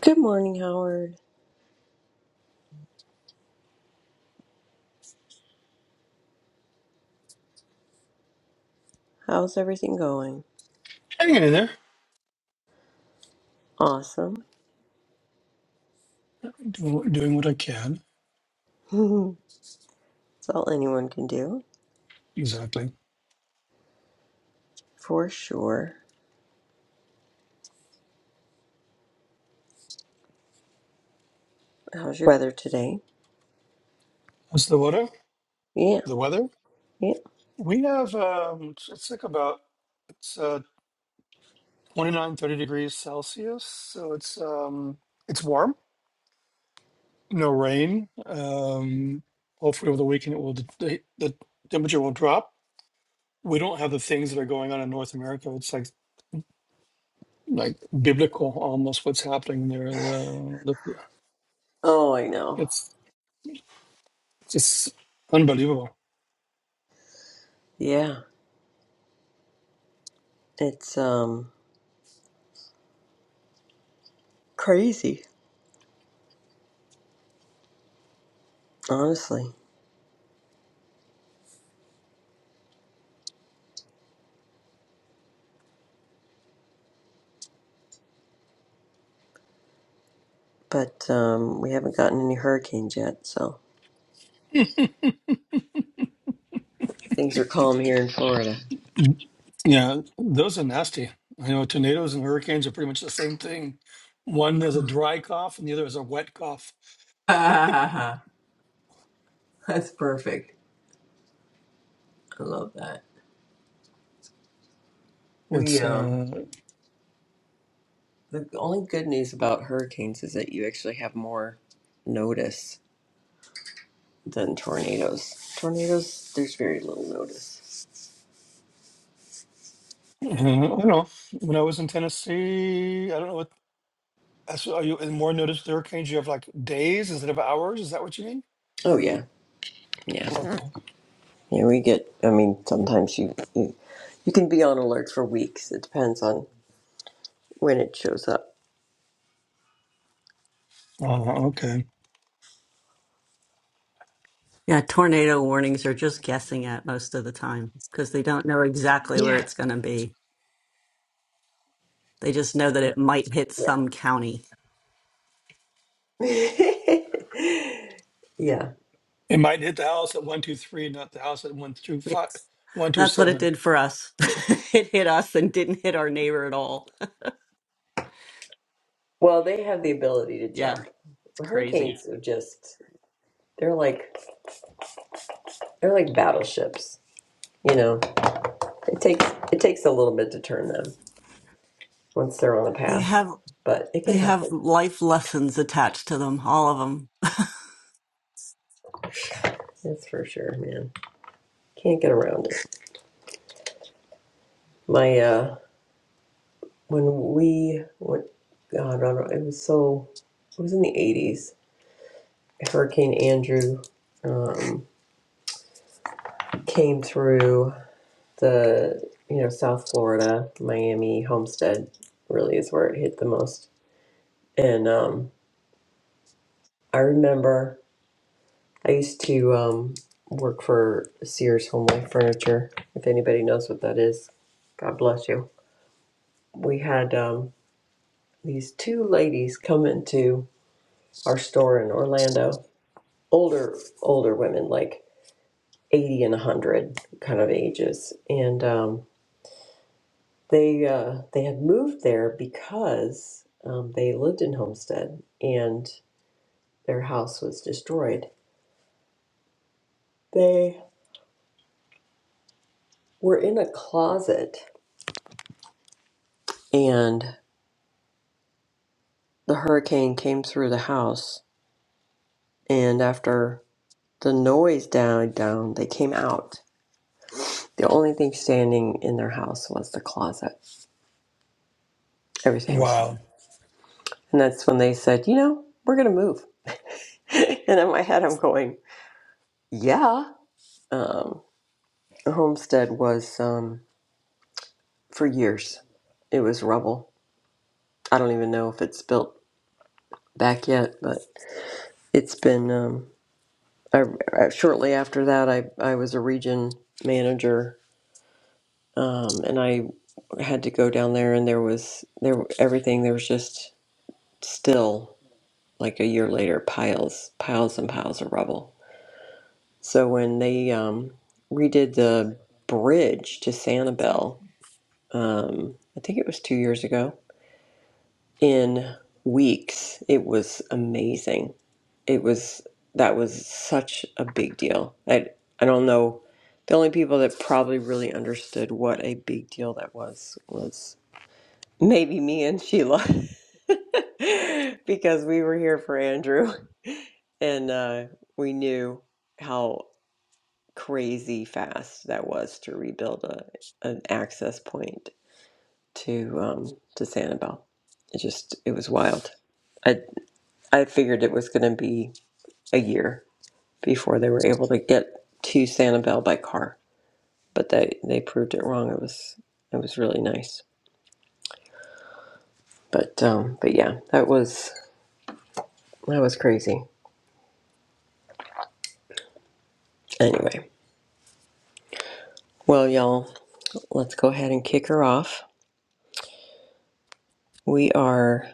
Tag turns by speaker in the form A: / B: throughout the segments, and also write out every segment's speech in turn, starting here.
A: Good morning, Howard. How's everything going?
B: Hanging in there,
A: Awesome.
B: do- doing what I can.
A: That's all anyone can do,
B: Exactly.
A: for sure. How's your weather today?
B: How's the weather?
A: Yeah,
B: The weather?
A: yeah.
B: We have, um, it's it's like about, it's uh, 29, 30 degrees Celsius. So it's, um, it's warm, no rain. Um, hopefully over the weekend it will, the, the temperature will drop. We don't have the things that are going on in North America. It's like, like biblical almost what's happening there. The, the,
A: Oh, I know.
B: it's just unbelievable.
A: Yeah, it's um crazy, honestly. But um, we haven't gotten any hurricanes yet, so things are calm here in Florida.
B: Yeah, those are nasty. I know tornadoes and hurricanes are pretty much the same thing. One is a dry cough, and the other is a wet cough.
A: That's perfect. I love that. We
B: It's uh,
A: um The only good news about hurricanes is that you actually have more notice. than tornadoes. Tornadoes, there's very little notice.
B: uh, I don't know. When I was in Tennessee, I don't know what. that's Are you in more notice with hurricanes? You have like days instead of hours. Is that what you mean?
A: Oh yeah, yeah,
B: Okay.
A: yeah. We get. I mean, sometimes you you, you can be on alert for weeks. It depends on when it shows up.
B: Oh, okay.
C: Yeah, tornado warnings are just guessing at most of the time because they don't know exactly where
A: Yeah,
C: it's going to be. They just know that it might hit some county.
A: yeah, yeah.
B: It might hit the house at one two three, not the house at one two five,
C: It's,
B: one two
C: that's what it
B: seven.
C: did for us. it hit us and didn't hit our neighbor at all.
A: Well, they have the ability to
C: Yeah,
A: jump.
C: it's crazy.
A: Hurricanes are just they're like they're like battleships. You know, it takes it takes a little bit to turn them once they're on a
C: They
A: path,
C: have
A: but it can
C: they have
A: happen.
C: life lessons attached to them, all of them.
A: That's for sure, man. Can't get around it. My uh when we went, God, I don't know, it was so, it was in the 80s. Hurricane Andrew um, came through the, you know, South Florida, Miami, Homestead really is where it hit the most. And um, I remember I used to um, work for Sears Homeway Furniture. If anybody knows what that is, God bless you. We had um, these two ladies come into our store in Orlando older older women like 80 and 100 kind of ages and um, they uh, they had moved there because um, they lived in homestead and their house was destroyed they were in a closet and the hurricane came through the house and after the noise died down they came out the only thing standing in their house was the closet everything was gone
B: Wow,
A: and that's when they said you know we're going to move and in my head, I'm going, yeah. Um, the homestead was um, for years. It was rubble. I don't even know if it's built back yet, but it's been. Um, I, I- shortly after that, I I was a region manager, um, and I had to go down there, and there was there everything. There was just still like a year later piles piles and piles of rubble. So when they um, redid the bridge to Sanibel, um, I think it was two years ago, in weeks. It was amazing. It was, that was such a big deal. I, I don't know. The only people that probably really understood what a big deal that was was maybe me and Sheila because we were here for Andrew and uh, we knew how crazy fast that was to rebuild a, an access point to um, to Sanibel. It just it was wild. I I figured it was going to be a year before they were able to get to Sanibel by car, but they they proved it wrong. It was it was really nice. But um, but yeah, that was that was crazy. Anyway, well y'all, let's go ahead and kick her off. We are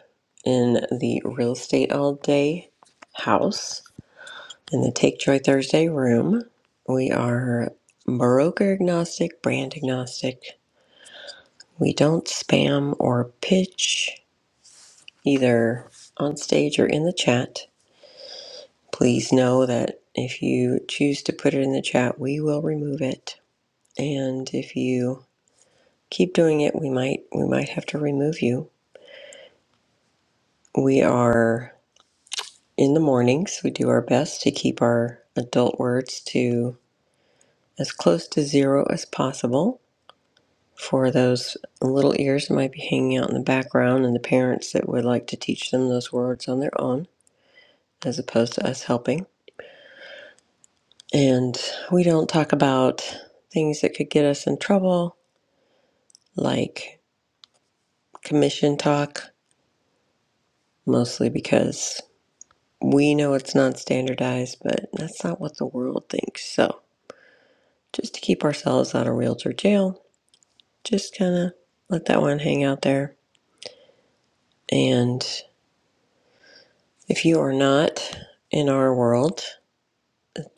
A: in the real estate all day house In the Take Joy Thursday room, we are broker agnostic, brand agnostic. We don't spam or pitch either on stage or in the chat. Please know that if you choose to put it in the chat, we will remove it. And if you keep doing it, we might we might have to remove you. We are in the mornings. We do our best to keep our adult words to as close to zero as possible for those little ears that might be hanging out in the background and the parents that would like to teach them those words on their own as opposed to us helping. And we don't talk about things that could get us in trouble, like commission talk, mostly because we know it's not standardized, but that's not what the world thinks. So just to keep ourselves out of realtor jail, just kind of let that one hang out there. And if you are not in our world,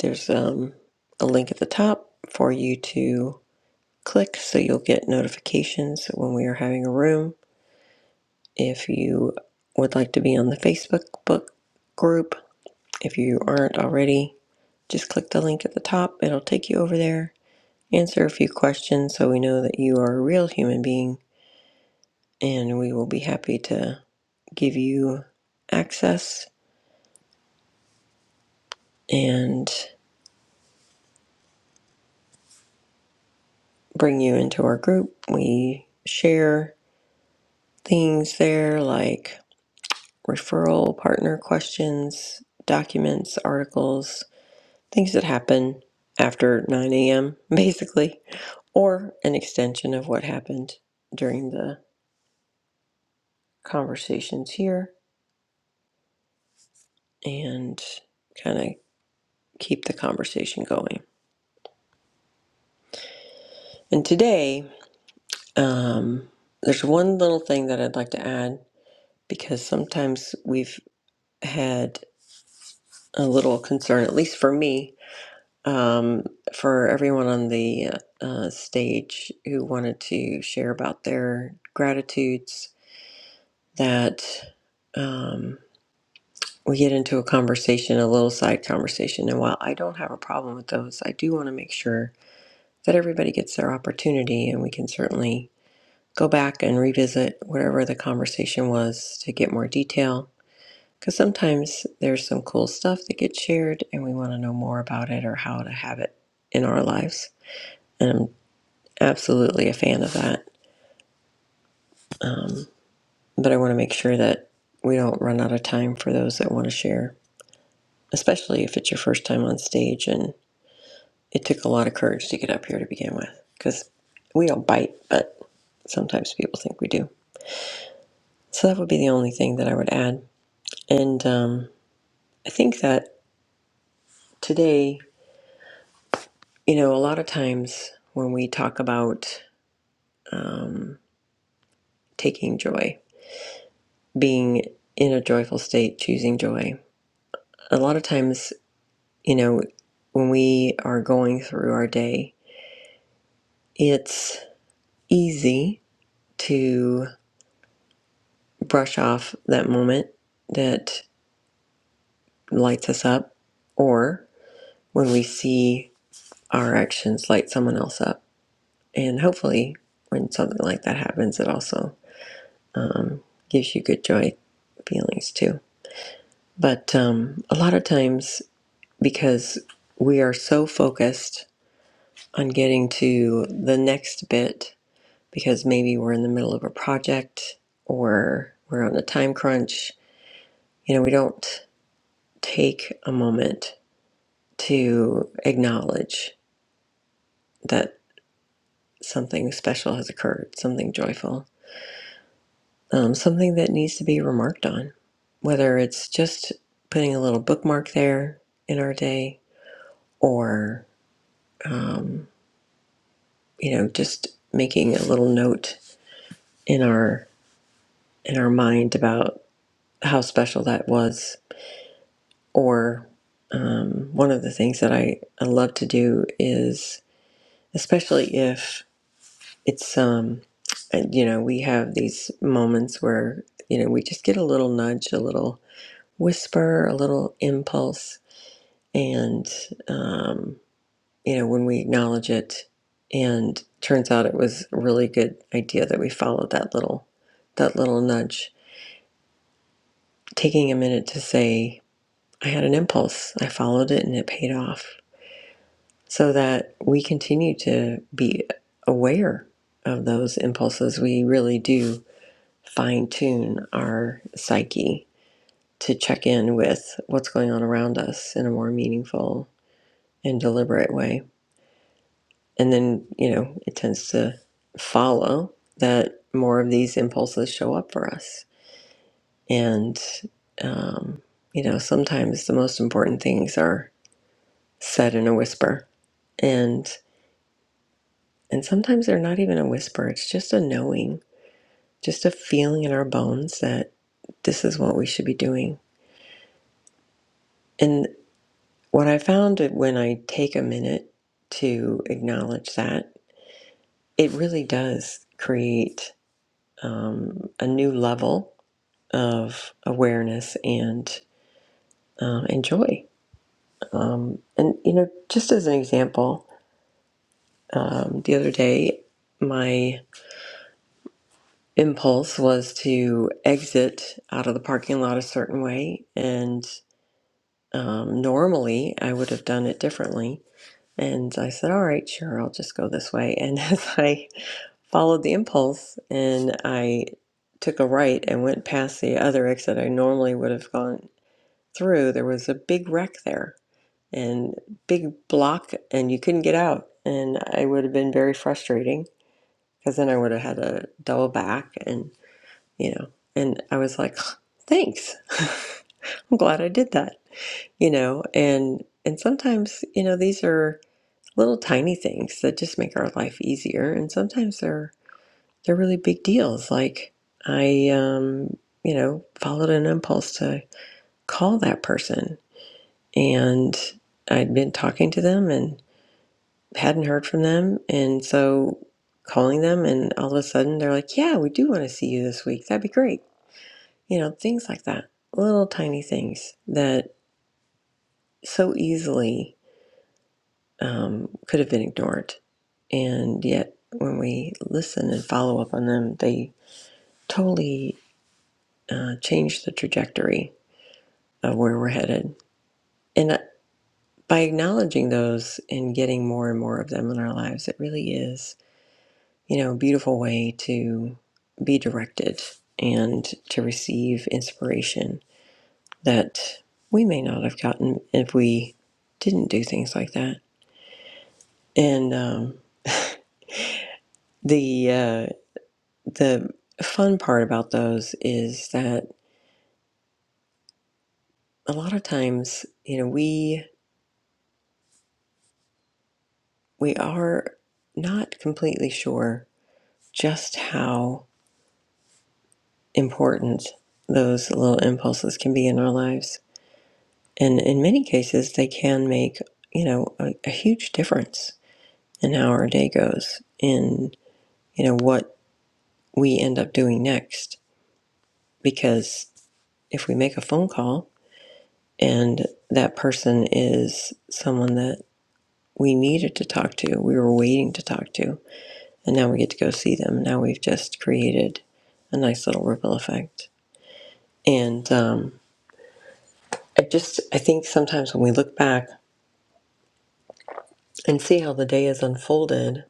A: There's um, a link at the top for you to click so you'll get notifications when we are having a room. If you would like to be on the Facebook book group, if you aren't already, just click the link at the top. It'll take you over there. Answer a few questions so we know that you are a real human being, and we will be happy to give you access and bring you into our group. We share things there like referral, partner questions, documents, articles, things that happen after 9 a.m., basically, or an extension of what happened during the conversations here and kind of keep the conversation going. And today, um, there's one little thing that I'd like to add because sometimes we've had a little concern, at least for me, um, for everyone on the uh, stage who wanted to share about their gratitudes that um, we get into a conversation, a little side conversation. And while I don't have a problem with those, I do want to make sure that everybody gets their opportunity and we can certainly go back and revisit whatever the conversation was to get more detail. Because sometimes there's some cool stuff that gets shared and we want to know more about it or how to have it in our lives and absolutely a fan of that. Um, but I want to make sure that we don't run out of time for those that want to share, especially if it's your first time on stage. And it took a lot of courage to get up here to begin with because we don't bite, but sometimes people think we do. So that would be the only thing that I would add. And um, I think that today, you know, a lot of times when we talk about um, taking joy, being in a joyful state, choosing joy, a lot of times You know, when we are going through our day, it's easy to brush off that moment that lights us up, or when we see our actions light someone else up. And hopefully, when something like that happens, it also um, gives you good joy feelings too. But um, a lot of times, because we are so focused on getting to the next bit because maybe we're in the middle of a project or we're on a time crunch. You know, we don't take a moment to acknowledge that something special has occurred, something joyful, um, something that needs to be remarked on, whether it's just putting a little bookmark there in our day or, um, you know, just making a little note in our in our mind about how special that was or um, one of the things that I, I love to do is especially if it's um and, you know we have these moments where you know we just get a little nudge a little whisper a little impulse and um, you know when we acknowledge it and turns out it was a really good idea that we followed that little that little nudge taking a minute to say i had an impulse i followed it and it paid off so that we continue to be aware of those impulses. We really do fine tune our psyche to check in with what's going on around us in a more meaningful and deliberate way. And then, you know, it tends to follow that more of these impulses show up for us. And, um, you know, sometimes the most important things are said in a whisper. And. And sometimes they're not even a whisper, it's just a knowing, just a feeling in our bones that this is what we should be doing. And what I found that when I take a minute to acknowledge that, it really does create um, a new level of awareness and um, and joy. Um, and you know, just as an example, um, the other day, my. impulse was to exit out of the parking lot a certain way. And um, normally I would have done it differently. And I said, All right, sure, I'll just go this way. And as I followed the impulse and I took a right and went past the other exit I normally would have gone through, there was a big wreck there and big block, and you couldn't get out. And I would have been very frustrating because then I would have had to double back. and you know and i was like thanks i'm glad i did that you know and and sometimes you know these are little tiny things that just make our life easier and sometimes they're they're really big deals like i um you know followed an impulse to call that person and i'd been talking to them and hadn't heard from them and so calling them and all of a sudden they're like yeah we do want to see you this week that'd be great you know, things like that, little tiny things that so easily um, could have been ignored. And yet, when we listen and follow up on them, they totally uh, change the trajectory of where we're headed. And uh, by acknowledging those and getting more and more of them in our lives, it really is, you know, a beautiful way to be directed and to receive inspiration that we may not have gotten if we didn't do things like that. And um, the uh, the fun part about those is that a lot of times, you know, we we are not completely sure just how important those little impulses can be in our lives, and in many cases, they can make you know a, a huge difference in how our day goes, in you know what we end up doing next because if we make a phone call and that person is someone that we needed to talk to, we were waiting to talk to, and now we get to go see them. Now we've just created a nice little ripple effect. And um, I just, I think sometimes when we look back and see how the day has unfolded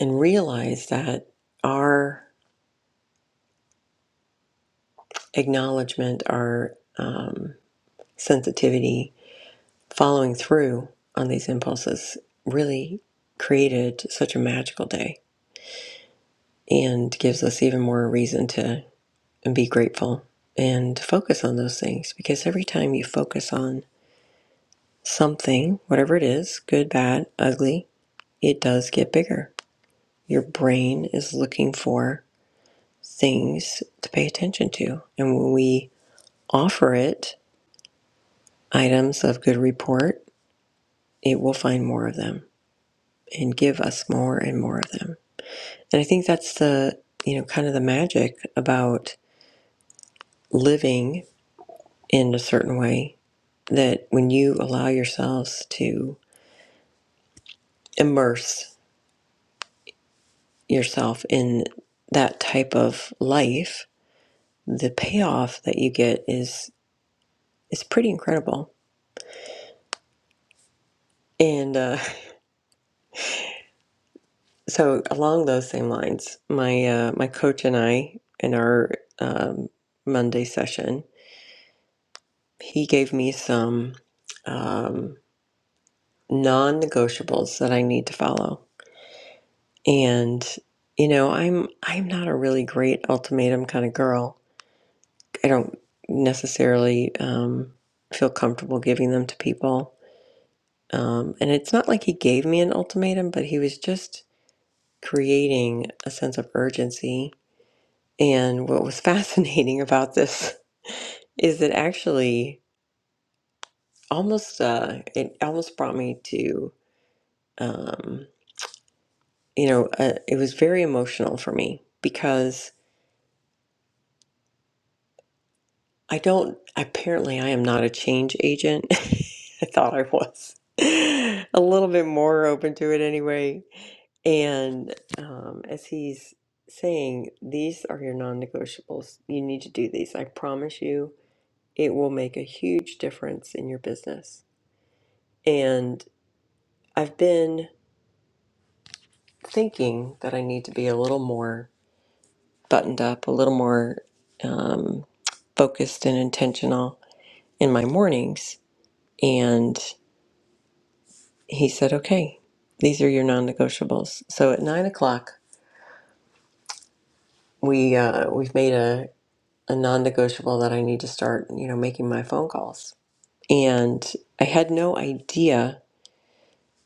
A: and realize that our acknowledgement, our um, sensitivity, following through on these impulses really created such a magical day and gives us even more reason to be grateful and focus on those things because every time you focus on something, whatever it is, good, bad, ugly, it does get bigger. Your brain is looking for things to pay attention to. And when we offer it items of good report, it will find more of them and give us more and more of them. And I think that's the, you know, kind of the magic about living in a certain way that when you allow yourselves to immerse yourself in that type of life, the payoff that you get is is pretty incredible. And uh, so along those same lines, my uh, my coach and I in our um, Monday session, he gave me some um, non-negotiables that I need to follow And you know, I'm I'm not a really great ultimatum kind of girl. I don't necessarily um, feel comfortable giving them to people. Um, and it's not like he gave me an ultimatum, but he was just creating a sense of urgency. And what was fascinating about this is that actually, almost uh, it almost brought me to um, you know, uh, it was very emotional for me because I don't, apparently, I am not a change agent. I thought I was. A little bit more open to it anyway. And um, as he's saying, these are your non negotiables. You need to do these. I promise you, it will make a huge difference in your business. And I've been thinking that I need to be a little more buttoned up, a little more um, focused and intentional in my mornings. And he said, "Okay, these are your non-negotiables." So at nine o'clock, we uh, we've made a, a non-negotiable that I need to start, you know, making my phone calls. And I had no idea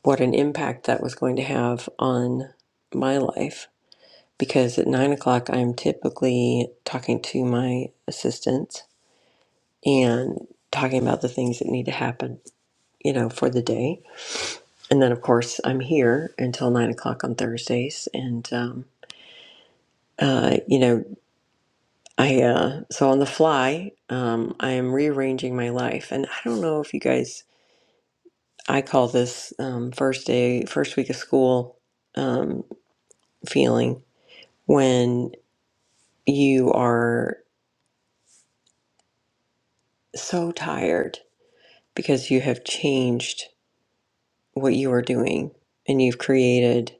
A: what an impact that was going to have on my life because at nine o'clock I'm typically talking to my assistant and talking about the things that need to happen, you know, for the day. And then of course I'm here until nine o'clock on Thursdays, and um, uh, you know I uh so on the fly, um, I am rearranging my life, and I don't know if you guys. I call this um, first day, first week of school um, feeling when you are so tired because you have changed what you are doing and you've created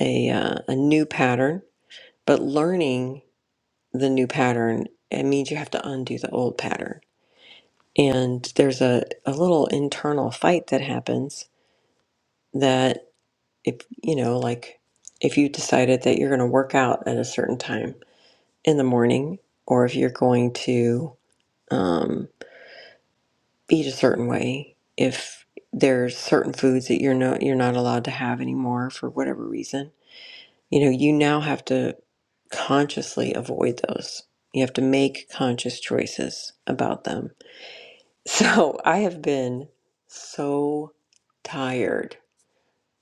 A: a uh, a new pattern. But learning the new pattern it means you have to undo the old pattern, and there's a a little internal fight that happens that. if you know like if you decided that you're going to work out at a certain time in the morning or if you're going to um, eat a certain way if there's certain foods that you're not you're not allowed to have anymore for whatever reason you know you now have to consciously avoid those you have to make conscious choices about them so i have been so tired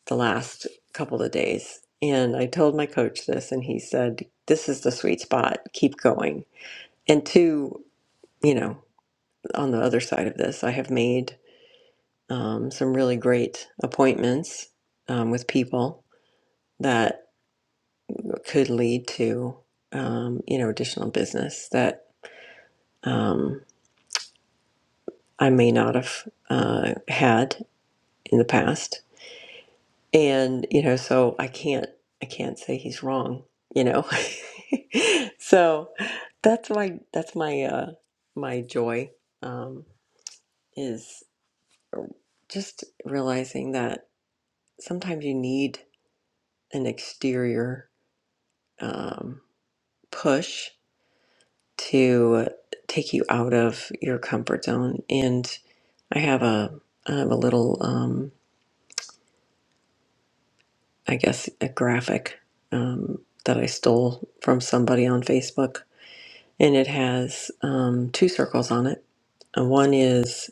A: the last couple of days. And I told my coach this, and he said, This is the sweet spot. Keep going. And two, you know, on the other side of this, I have made um, some really great appointments um, with people that could lead to, um, you know, additional business that um, I may not have uh, had in the past and you know so i can't i can't say he's wrong you know so that's my that's my uh my joy um is just realizing that sometimes you need an exterior um push to take you out of your comfort zone and i have a i have a little um i guess a graphic um that i stole from somebody on facebook and it has um, two circles on it. And one is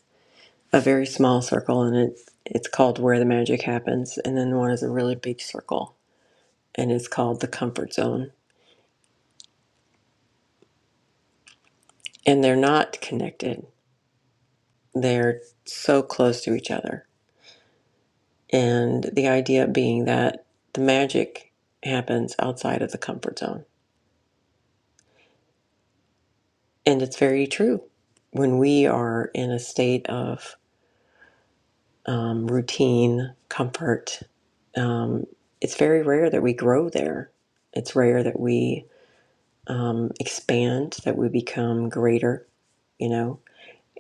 A: a very small circle, and it it's called where the magic happens, and then one is a really big circle, and it's called the comfort zone. And they're not connected; they're so close to each other. And the idea being that the magic happens outside of the comfort zone, and it's very true. When we are in a state of um, routine, comfort. Um, it's very rare that we grow there. It's rare that we um, expand, that we become greater, you know.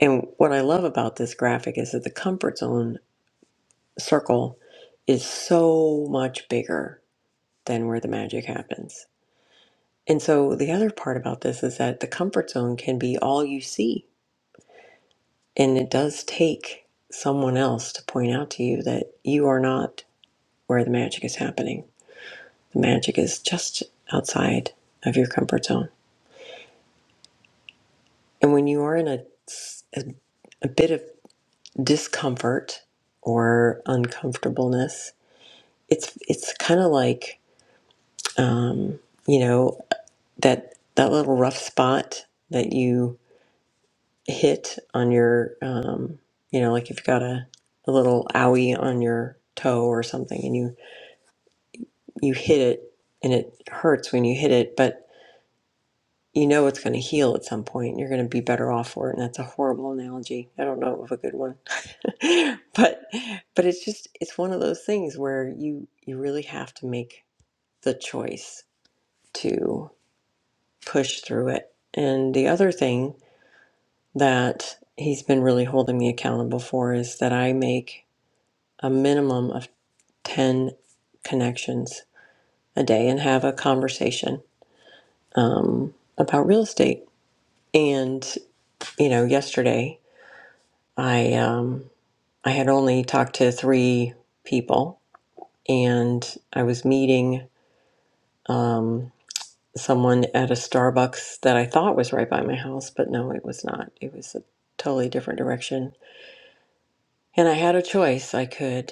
A: And what I love about this graphic is that the comfort zone circle is so much bigger than where the magic happens. And so the other part about this is that the comfort zone can be all you see. And it does take someone else to point out to you that you are not where the magic is happening The magic is just outside of your comfort zone. And when you are in a, a, a bit of discomfort or uncomfortableness, it's it's kind of like um, you know that that little rough spot that you hit on your um, you know like if you've got a, a little owie on your toe or something and you you hit it and it hurts when you hit it but you know it's going to heal at some point. You're going to be better off for it. And that's a horrible analogy. I don't know of a good one, but but it's just it's one of those things where you you really have to make the choice to push through it. And the other thing that he's been really holding me accountable for is that I make a minimum of ten connections a day and have a conversation um, about real estate. And you know, yesterday I um, I had only talked to three people, and I was meeting um, someone at a Starbucks that I thought was right by my house, but no, it was not. It was a totally different direction, and I had a choice. I could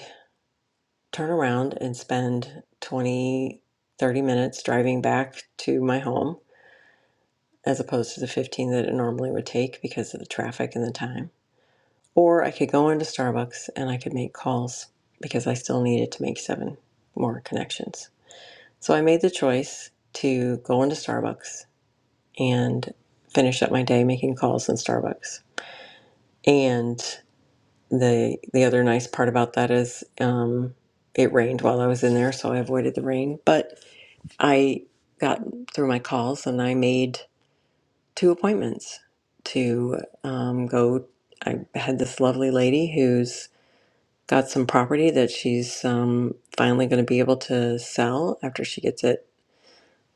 A: turn around and spend 20, 30 minutes driving back to my home, as opposed to the 15 that it normally would take because of the traffic and the time Or I could go into Starbucks and I could make calls because I still needed to make seven more connections. So I made the choice to go into Starbucks and finish up my day making calls in Starbucks. And the the other nice part about that is um, it rained while I was in there, so I avoided the rain. But I got through my calls and I made two appointments to um, go. I had this lovely lady who's got some property that she's um, finally going to be able to sell after she gets it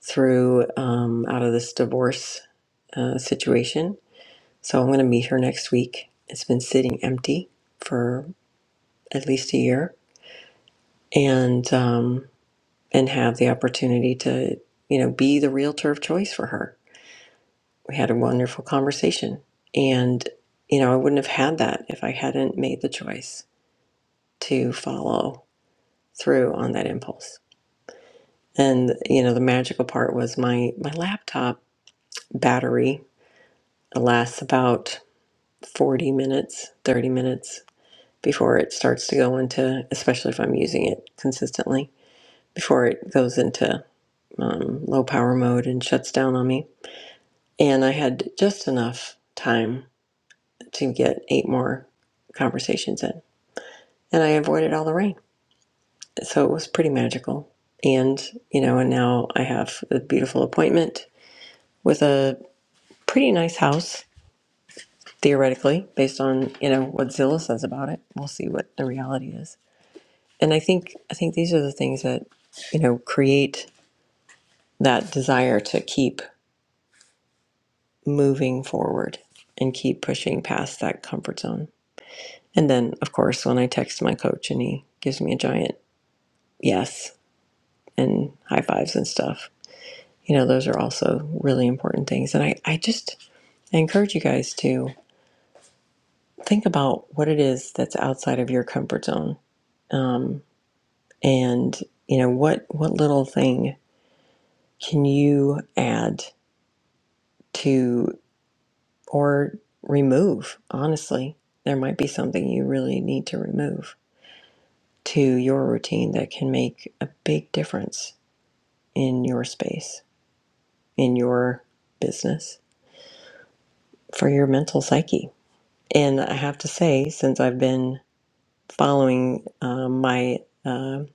A: through um, out of this divorce uh, situation. So I'm going to meet her next week. It's been sitting empty for at least a year, and um, and have the opportunity to you know be the realtor of choice for her. We had a wonderful conversation, and you know I wouldn't have had that if I hadn't made the choice to follow through on that impulse. And you know, the magical part was my my laptop battery lasts about 40 minutes, 30 minutes before it starts to go into, especially if I'm using it consistently, before it goes into um, low power mode and shuts down on me. And I had just enough time to get eight more conversations in, and I avoided all the rain. So it was pretty magical. And you know, and now I have a beautiful appointment with a pretty nice house theoretically based on you know what Zillow says about it. We'll see what the reality is. And I think I think these are the things that you know create that desire to keep moving forward and keep pushing past that comfort zone. And then of course when I text my coach and he gives me a giant yes and high fives and stuff. You know, those are also really important things. And I, I just I encourage you guys to think about what it is that's outside of your comfort zone. Um, and you know what what little thing can you add to or remove honestly there might be something you really need to remove to your routine that can make a big difference in your space in your business for your mental psyche and i have to say since i've been following um, my um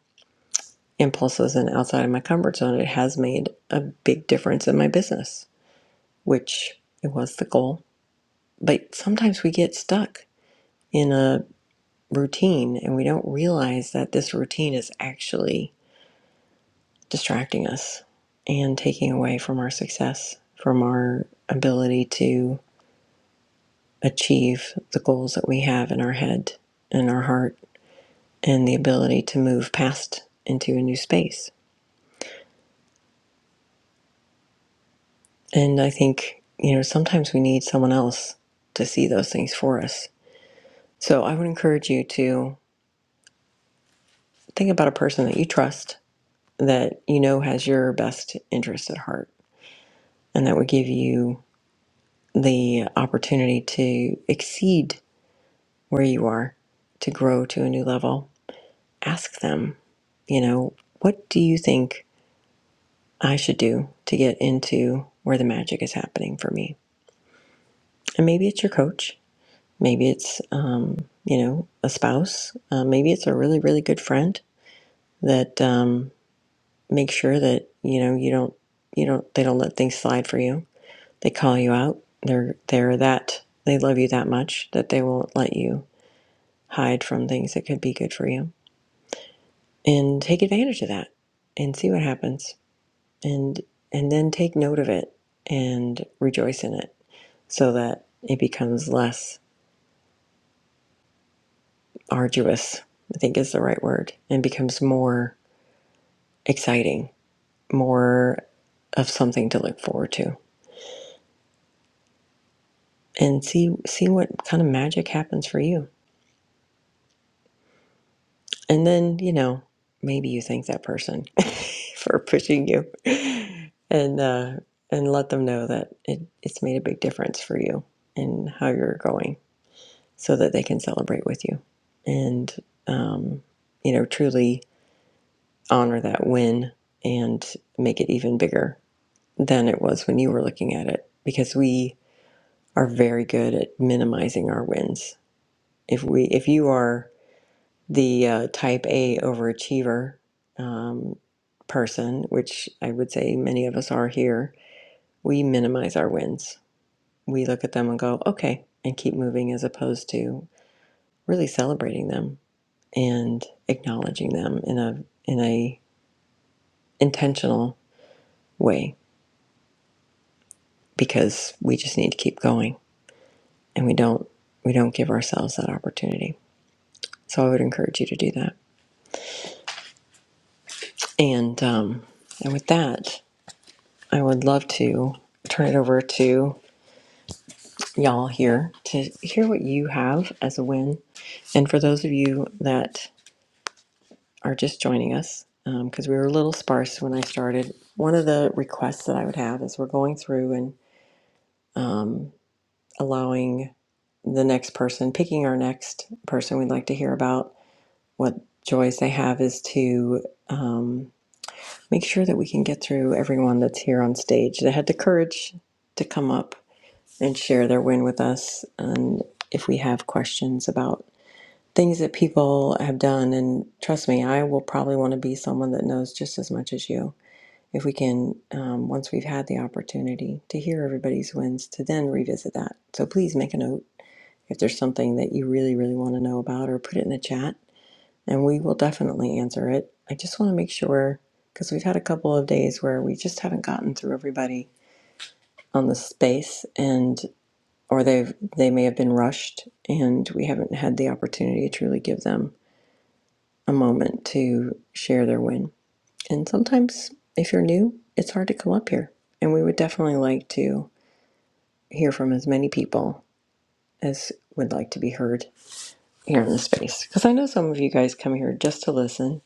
A: impulses and outside of my comfort zone it has made a big difference in my business which it was the goal. But sometimes we get stuck in a routine and we don't realize that this routine is actually distracting us and taking away from our success, from our ability to achieve the goals that we have in our head and our heart, and the ability to move past into a new space. And I think, you know, sometimes we need someone else to see those things for us. So I would encourage you to think about a person that you trust that you know has your best interest at heart and that would give you the opportunity to exceed where you are to grow to a new level ask them you know what do you think i should do to get into where the magic is happening for me and maybe it's your coach maybe it's um, you know a spouse uh, maybe it's a really really good friend that um, makes sure that you know you don't you don't they don't let things slide for you They call you out. They're they're that they love you that much that they won't let you hide from things that could be good for you. And take advantage of that and see what happens. And and then take note of it and rejoice in it so that it becomes less arduous, I think is the right word, and becomes more exciting, more of something to look forward to and see see what kind of magic happens for you and then you know maybe you thank that person for pushing you and uh, and let them know that it, it's made a big difference for you and how you're going so that they can celebrate with you and um, you know truly honor that win and make it even bigger than it was when you were looking at it because we are very good at minimizing our wins if we if you are the uh, type a overachiever um, person which i would say many of us are here we minimize our wins. We look at them and go, okay, and keep moving as opposed to really celebrating them and acknowledging them in a in a intentional way because we just need to keep going and we don't we don't give ourselves that opportunity. So I would encourage you to do that. And um, and with that, I would love to turn it over to y'all here to hear what you have as a win. And for those of you that are just joining us because we were a little sparse when I started, one of the requests that I would have is we're going through and um, allowing the next person, picking our next person we'd like to hear about, what joys they have is to um, make sure that we can get through everyone that's here on stage that had the courage to come up and share their win with us. And if we have questions about things that people have done, and trust me, I will probably want to be someone that knows just as much as you if we can, um, once we've had the opportunity to hear everybody's wins, to then revisit that. So please make a note if there's something that you really, really want to know about, or put it in the chat, and we will definitely answer it. I just want to make sure because we've had a couple of days where we just haven't gotten through everybody on the space, and or they've they may have been rushed, and we haven't had the opportunity to truly give them a moment to share their win. And sometimes, if you're new, it's hard to come up here. And we would definitely like to hear from as many people as would like to be heard here in the space. Because I know some of you guys come here just to listen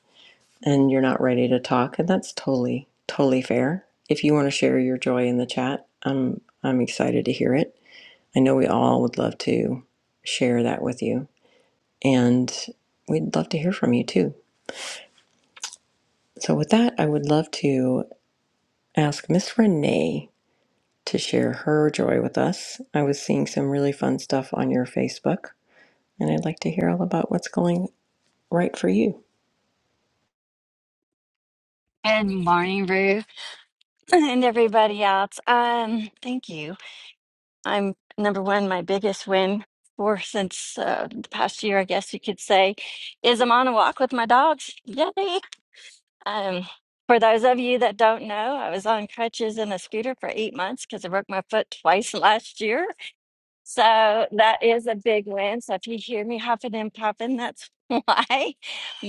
A: and you're not ready to talk, and that's totally, totally fair. If you want to share your joy in the chat, I'm I'm excited to hear it. I know we all would love to share that with you. And we'd love to hear from you too. So with that, I would love to ask Miss Renee to share her joy with us. I was seeing some really fun stuff on your Facebook, and I'd like to hear all about what's going right for you.
D: Good morning, Ruth, and everybody else. Um, thank you. I'm number one. My biggest win for since uh, the past year, I guess you could say, is I'm on a walk with my dogs. Yay! Um, for those of you that don't know, I was on crutches and a scooter for eight months because I broke my foot twice last year. So that is a big win. So if you hear me huffing and puffing, that's why.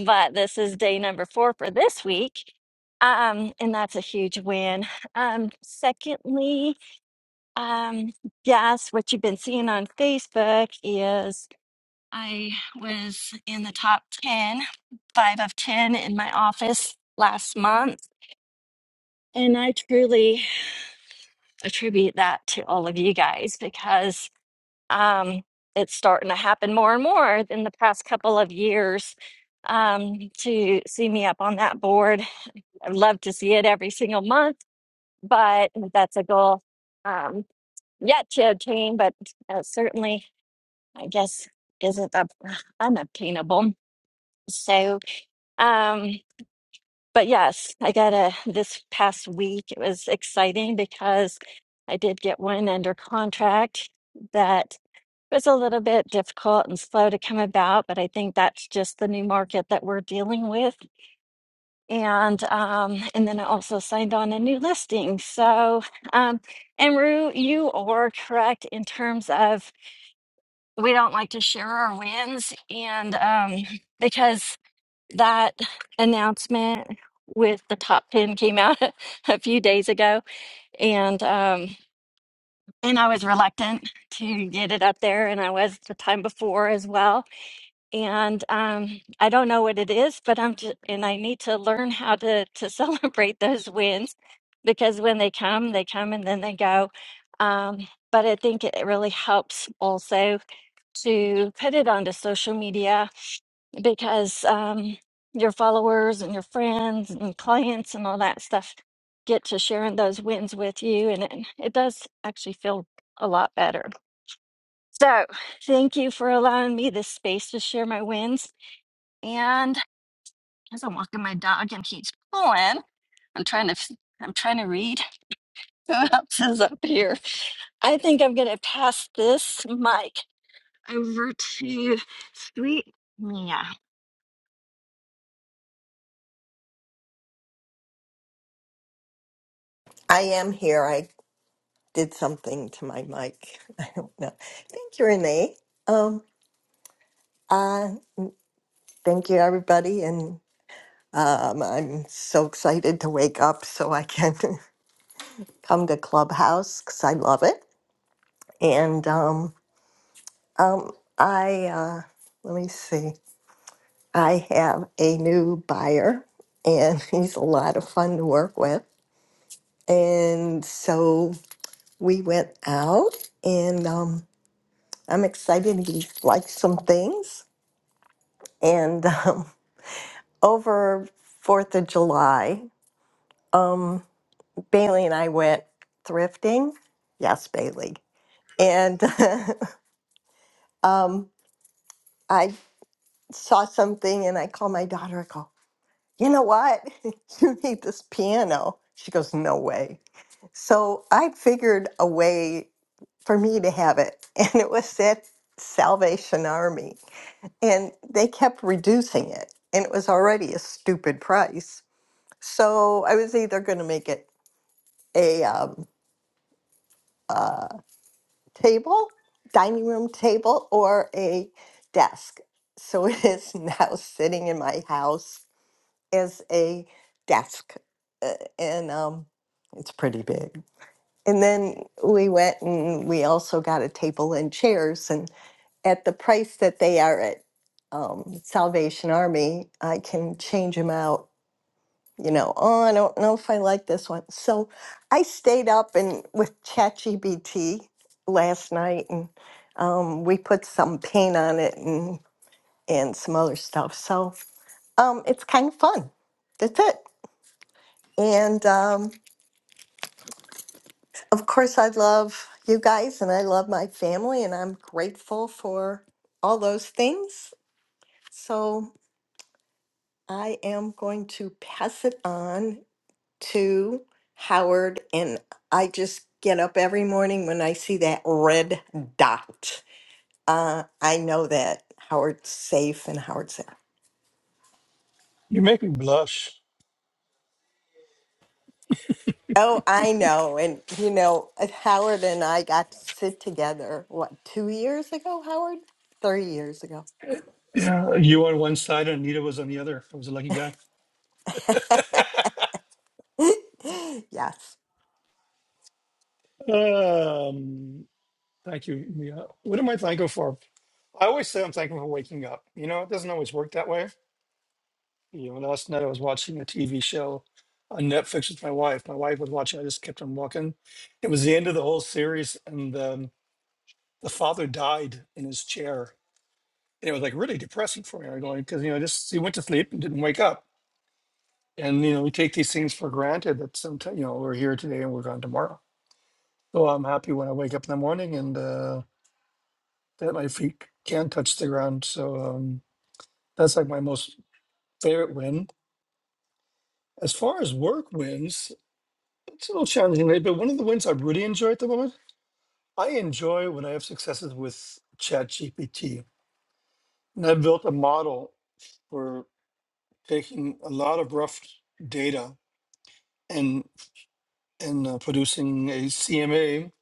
D: But this is day number four for this week. Um, and that's a huge win. Um, secondly, um, yes, what you've been seeing on Facebook is I was in the top ten, five of 10 in my office last month. And I truly attribute that to all of you guys because um, it's starting to happen more and more in the past couple of years um, to see me up on that board. I'd love to see it every single month, but that's a goal um, yet to obtain, but uh, certainly, I guess, isn't up, unobtainable. So, um, but yes, I got a this past week. It was exciting because I did get one under contract that was a little bit difficult and slow to come about, but I think that's just the new market that we're dealing with. And um, and then I also signed on a new listing. So um, and Rue, you are correct in terms of we don't like to share our wins, and um, because that announcement with the top ten came out a few days ago, and um, and I was reluctant to get it up there, and I was the time before as well and um, I don't know what it is, but I'm just, and I need to learn how to to celebrate those wins because when they come, they come and then they go. Um, but I think it really helps also to put it onto social media because um, your followers and your friends and clients and all that stuff get to sharing those wins with you, and it, it does actually feel a lot better. So, thank you for allowing me this space to share my wins. And as I'm walking my dog and he's pulling, I'm trying to f- I'm trying to read who else is up here. I think I'm gonna pass this mic over to sweet Mia.
E: I am here. I did something to my mic. I don't know. Thank you, Renee. Um, uh, thank you, everybody. And um, I'm so excited to wake up so I can come to Clubhouse because I love it. And um, um, I, uh, let me see, I have a new buyer and he's a lot of fun to work with. And so we went out and. um. I'm excited to like some things. And um, over Fourth of July, um, Bailey and I went thrifting. Yes, Bailey. And um, I saw something, and I called my daughter. I go, you know what? you need this piano. She goes, no way. So I figured a way for me to have it, and it was at Salvation Army and they kept reducing it and it was already a stupid price so i was either going to make it a um, uh, table dining room table or a desk so it is now sitting in my house as a desk uh, and um, it's pretty big and then we went and we also got a table and chairs and. at the price that they are at um, Salvation Army, I can change them out. You know, oh, I don't know if I like this one. So I stayed up and with ChatGPT last night, and um, we put some paint on it and and some other stuff. So um, it's kind of fun. That's it. And um, of course, I love you guys, and I love my family, and I'm grateful for all those things. So I am going to pass it on to Howard, and I just get up every morning when I see that red dot. Uh, I know that Howard's safe and Howard's safe.
B: you make me blush.
E: Oh, I know. And, you know, uh, Howard and I got to sit together, what, two years ago, Howard? Three years ago.
B: Yeah, you on one side and Anita was on the other. I was a lucky guy.
E: yes.
B: Um, Thank you, Mia. What am I thankful for? I always say I'm thankful for waking up. You know, it doesn't always work that way. You know, last night I was watching a TV show on Netflix with my wife. My wife was watching. I just kept on walking. It was the end of the whole series, and um, the father died in his chair, and it was like really depressing for me. I'm going because you know, just he went to sleep and didn't wake up, and you know, we take these things for granted that sometimes you know we're here today and we're gone tomorrow. So I'm happy when I wake up in the morning and uh, that my feet can touch the ground. So. Um, That's like my most favorite win. As far as work wins, it's a little challenging, right? But one of the wins I really enjoy at the moment, I enjoy when I have successes with ChatGPT. And I built a model for taking a lot of rough data and and uh, producing a CMA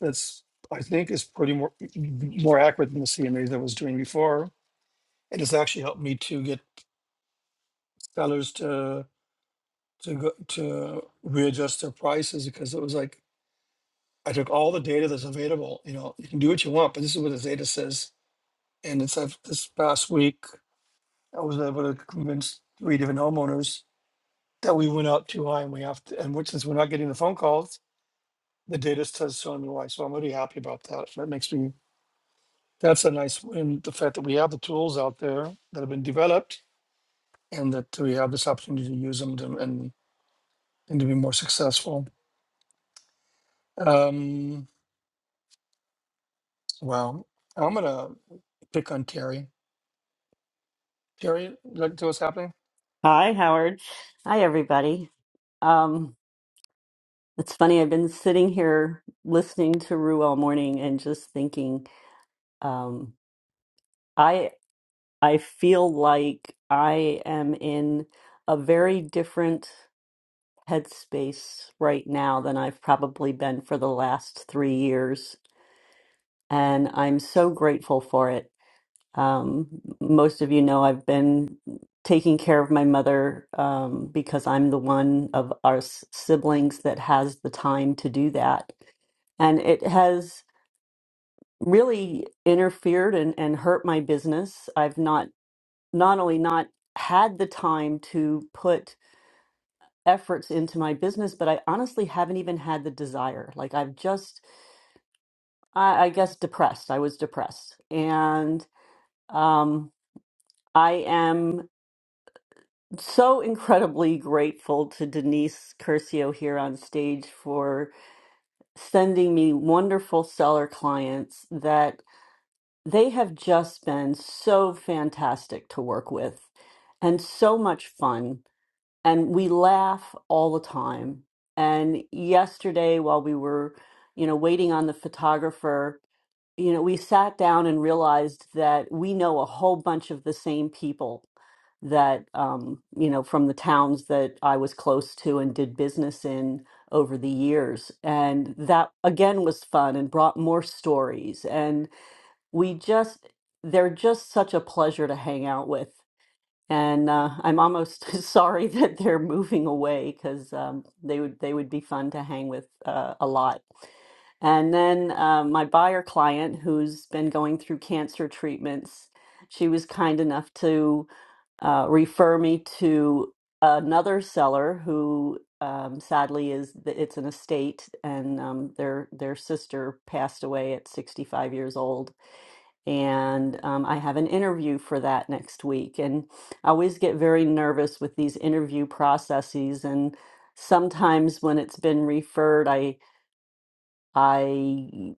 B: that's I think is pretty more more accurate than the CMA that I was doing before. And it's actually helped me to get sellers to to go, to readjust their prices because it was like I took all the data that's available. You know, you can do what you want, but this is what the data says. And it's like this past week, I was able to convince three different homeowners that we went up too high and we have to, and which since we're not getting the phone calls, the data says so and why. So I'm really happy about that. That makes me, that's a nice win. The fact that we have the tools out there that have been developed and that we have this opportunity to use them to, and, and to be more successful. Um, wow. I'm going to pick on Terry. Terry, you like to see what's happening?
C: Hi, Howard. Hi, everybody. Um, it's funny. I've been sitting here listening to Rue all morning and just thinking. Um, I feel like I am in a very different headspace right now than I've probably been for the last three years. And I'm so grateful for it. Um, most of you know I've been taking care of my mother um, because I'm the one of our s- siblings that has the time to do that. And it has really interfered and, and hurt my business. I've not not only not had the time to put efforts into my business, but I honestly haven't even had the desire. Like I've just, I, I guess, depressed. I was depressed, and um, I am so incredibly grateful to Denise Curcio here on stage for sending me wonderful seller clients that they have just been so fantastic to work with and so much fun and we laugh all the time. And yesterday, while we were, you know, waiting on the photographer, you know, we sat down and realized that we know a whole bunch of the same people that, um, you know, from the towns that I was close to and did business in over the years. And that again was fun and brought more stories. And we just, they're just such a pleasure to hang out with. And uh, I'm almost sorry that they're moving away because um, they would they would be fun to hang with uh, a lot. And then uh, my buyer client, who's been going through cancer treatments, she was kind enough to uh, refer me to another seller who um, sadly is it's an estate, and um, their their sister passed away at 65 years old and um, I have an interview for that next week. And I always get very nervous with these interview processes, and sometimes when it's been referred, I I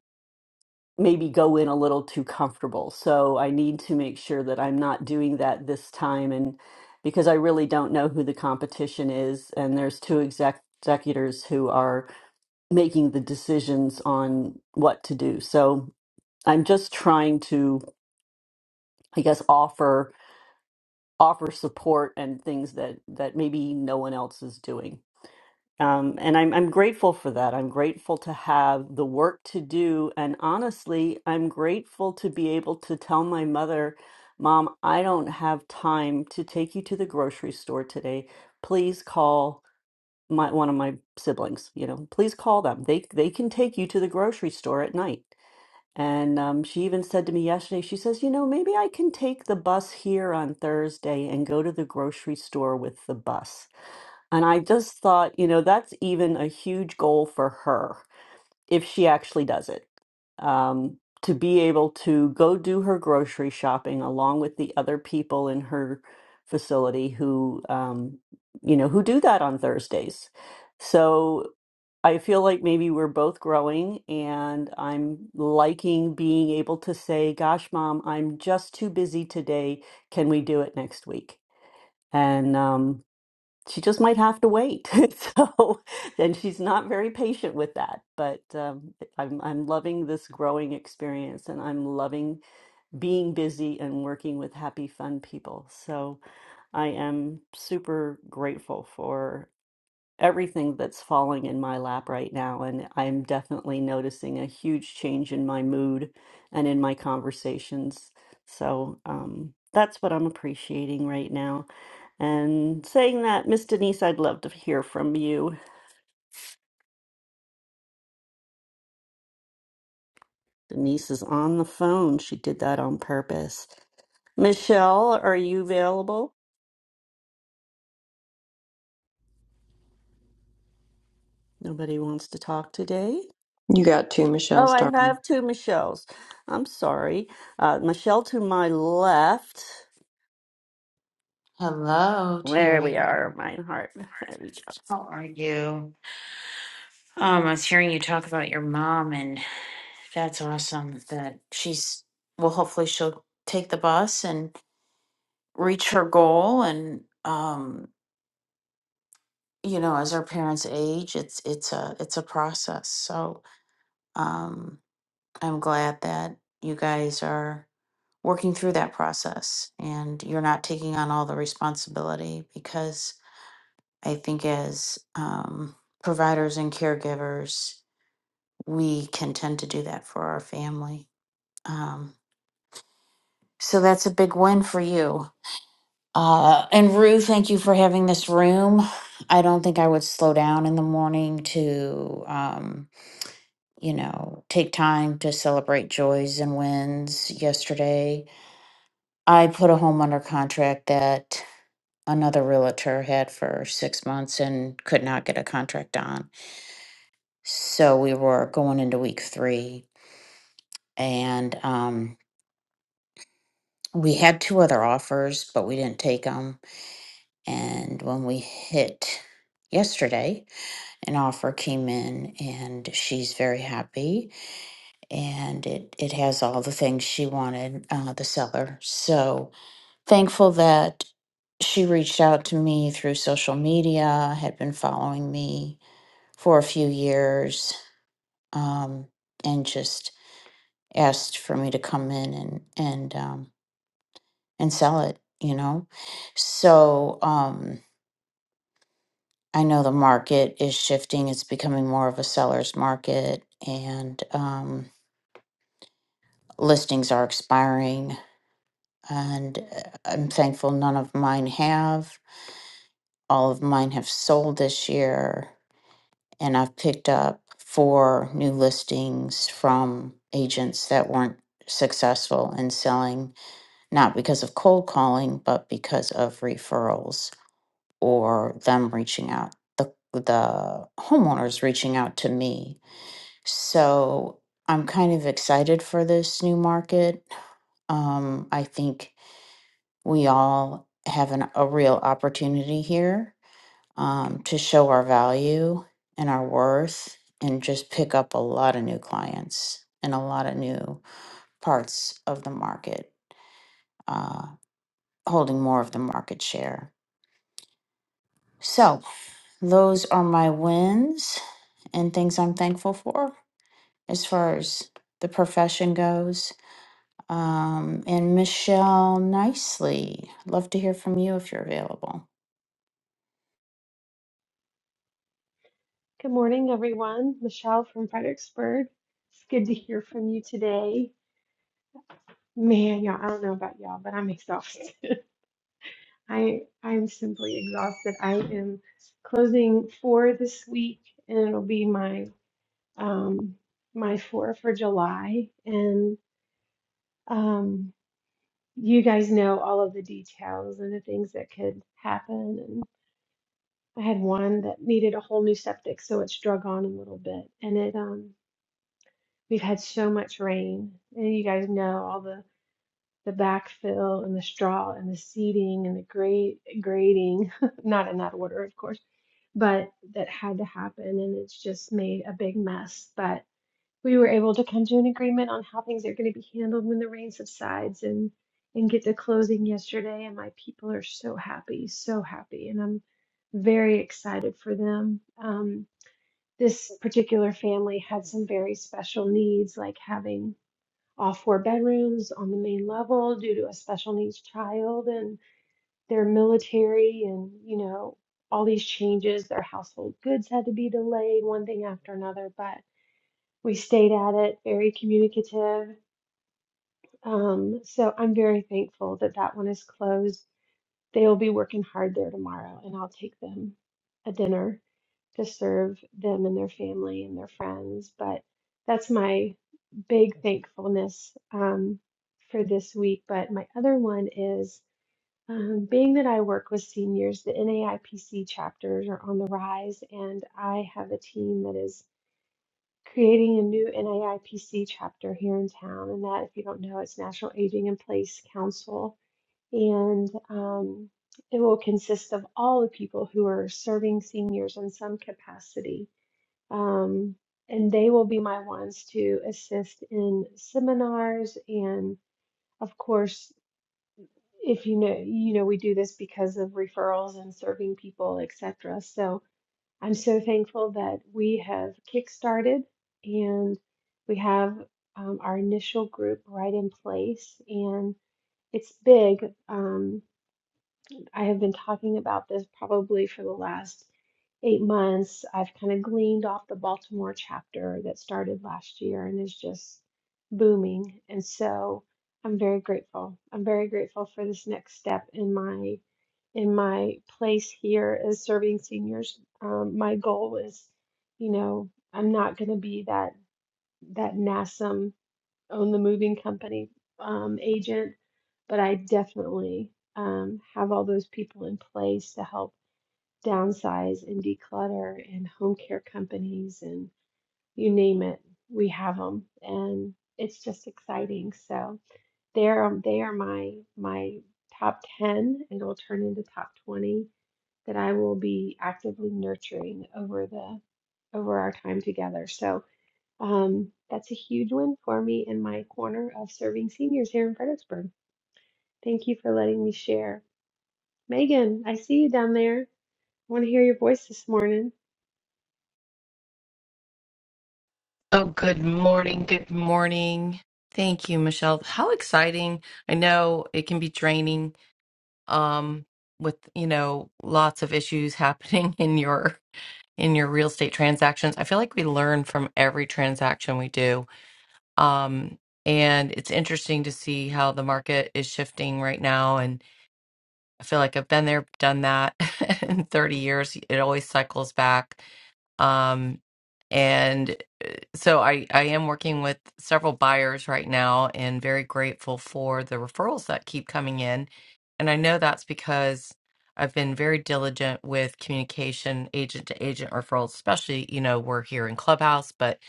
C: maybe go in a little too comfortable. So I need to make sure that I'm not doing that this time, and because I really don't know who the competition is, and there's two exec executors who are making the decisions on what to do. So I'm just trying to, I guess, offer. offer support and things that that maybe no one else is doing. Um, and I'm I'm grateful for that. I'm grateful to have the work to do, and honestly, I'm grateful to be able to tell my mother, "Mom, I don't have time to take you to the grocery store today. Please call my one of my siblings. You know, please call them. They they can take you to the grocery store at night." And um, she even said to me yesterday, she says, You know, maybe I can take the bus here on Thursday and go to the grocery store with the bus. And I just thought, you know, that's even a huge goal for her if she actually does it um, to be able to go do her grocery shopping along with the other people in her facility who, um, you know, who do that on Thursdays. So I feel like maybe we're both growing, and I'm liking being able to say, "Gosh, mom, I'm just too busy today. Can we do it next week?" And um, she just might have to wait. So, and she's not very patient with that. But um, I'm I'm loving this growing experience, and I'm loving being busy and working with happy, fun people. So, I am super grateful for everything that's falling in my lap right now. And I'm definitely noticing a huge change in my mood and in my conversations. So um, that's what I'm appreciating right now. And saying that, Miss Denise, I'd love to hear from you. Denise is on the phone. She did that on purpose. Michelle, are you available? Nobody wants to talk today.
A: You got two
C: Oh,
A: Michelle's,
C: I
A: darling.
C: have two Michelles. I'm sorry. Uh, Michelle to my left.
F: Hello,
C: There we
F: Terry.
C: are, mine heart. There we go.
F: How are you? Um, I was hearing you talk about your mom, and that's awesome that she's, well, hopefully she'll take the bus and reach her goal. And, um, you know, as our parents age, it's, it's a, it's a process. So, um, I'm glad that you guys are working through that process and you're not taking on all the responsibility because I think as, um, providers and caregivers, we can tend to do that for our family. Um, so that's a big win for you. Uh, and Rue, thank you for having this room. I don't think I would slow down in the morning to, um, you know, take time to celebrate joys and wins. Yesterday, I put a home under contract that another realtor had for six months and could not get a contract on. So we were going into week three, and um, we had two other offers, but we didn't take them. And when we hit yesterday, an offer came in, and she's very happy. And it, it has all the things she wanted, uh, the seller. So thankful that she reached out to me through social media, had been following me for a few years, um, and just asked for me to come in and, and, um, and sell it, you know? So um, I know the market is shifting. It's becoming more of a seller's market, and um, listings are expiring. And uh, I'm thankful none of mine have. All of mine have sold this year, and I've picked up four new listings from agents that weren't successful in selling, not because of cold calling, but because of referrals or them reaching out the the homeowners reaching out to me so i'm kind of excited for this new market um, i think we all have an, a real opportunity here um, to show our value and our worth and just pick up a lot of new clients and a lot of new parts of the market uh, holding more of the market share so Those are my wins and things I'm thankful for as far as the profession goes. Um, and Michelle Nicely, love to hear from you if you're available.
G: Good morning, everyone. Michelle from Fredericksburg. It's good to hear from you today. Man, y'all, I don't know about y'all, but I'm exhausted. I I'm simply exhausted. I am closing four this week, and it'll be my um my four for July. And um, you guys know all of the details and the things that could happen. And I had one that needed a whole new septic, so it's drug on a little bit, and it um. We've had so much rain, and you guys know all the the backfill and the straw and the seeding and the grade grading, not in that order, of course, but that had to happen, and it's just made a big mess. But we were able to come to an agreement on how things are going to be handled when the rain subsides, and and get to closing yesterday. And my people are so happy, so happy, and I'm very excited for them. Um, this particular family had some very special needs, like having all four bedrooms on the main level due to a special needs child and their military and you know all these changes their household goods had to be delayed one thing after another but we stayed at it very communicative um, so i'm very thankful that that one is closed they will be working hard there tomorrow, and I'll take them a dinner to serve them and their family and their friends. But that's my big thankfulness um, for this week. But my other one is um, being that I work with seniors, the NAIPC chapters are on the rise, and I have a team that is creating a new NAIPC chapter here in town. And that, if you don't know, it's National Aging in Place Council and um, it will consist of all the people who are serving seniors in some capacity. Um, and they will be my ones to assist in seminars and of course if you know you know we do this because of referrals and serving people etc so i'm so thankful that we have kickstarted and we have um, our initial group right in place and it's big. Um, I have been talking about this probably for the last eight months. I've kind of gleaned off the Baltimore chapter that started last year and is just booming. And so I'm very grateful. I'm very grateful for this next step in my in my place here as serving seniors. Um, my goal is, you know, I'm not going to be that that NASM own the moving company um, agent, but I definitely um, have all those people in place to help downsize and declutter and home care companies and you name it, we have them, and it's just exciting. So they're um, they are my my top ten, and will turn into top twenty that I will be actively nurturing over the over our time together. So um, that's a huge win for me in my corner of serving seniors here in Fredericksburg. Thank you for letting me share. Megan, I see you down there. I want to hear your voice this morning.
H: Oh, good morning. Good morning. Thank you, Michelle. How exciting. I know it can be draining um with, you know, lots of issues happening in your in your real estate transactions. I feel like we learn from every transaction we do. Um and it's interesting to see how the market is shifting right now and I feel like I've been there, done that in 30 years. It always cycles back um, and uh, so I, I am working with several buyers right now and very grateful for the referrals that keep coming in. And I know that's because I've been very diligent with communication, agent to agent referrals, especially, you know, we're here in Clubhouse, but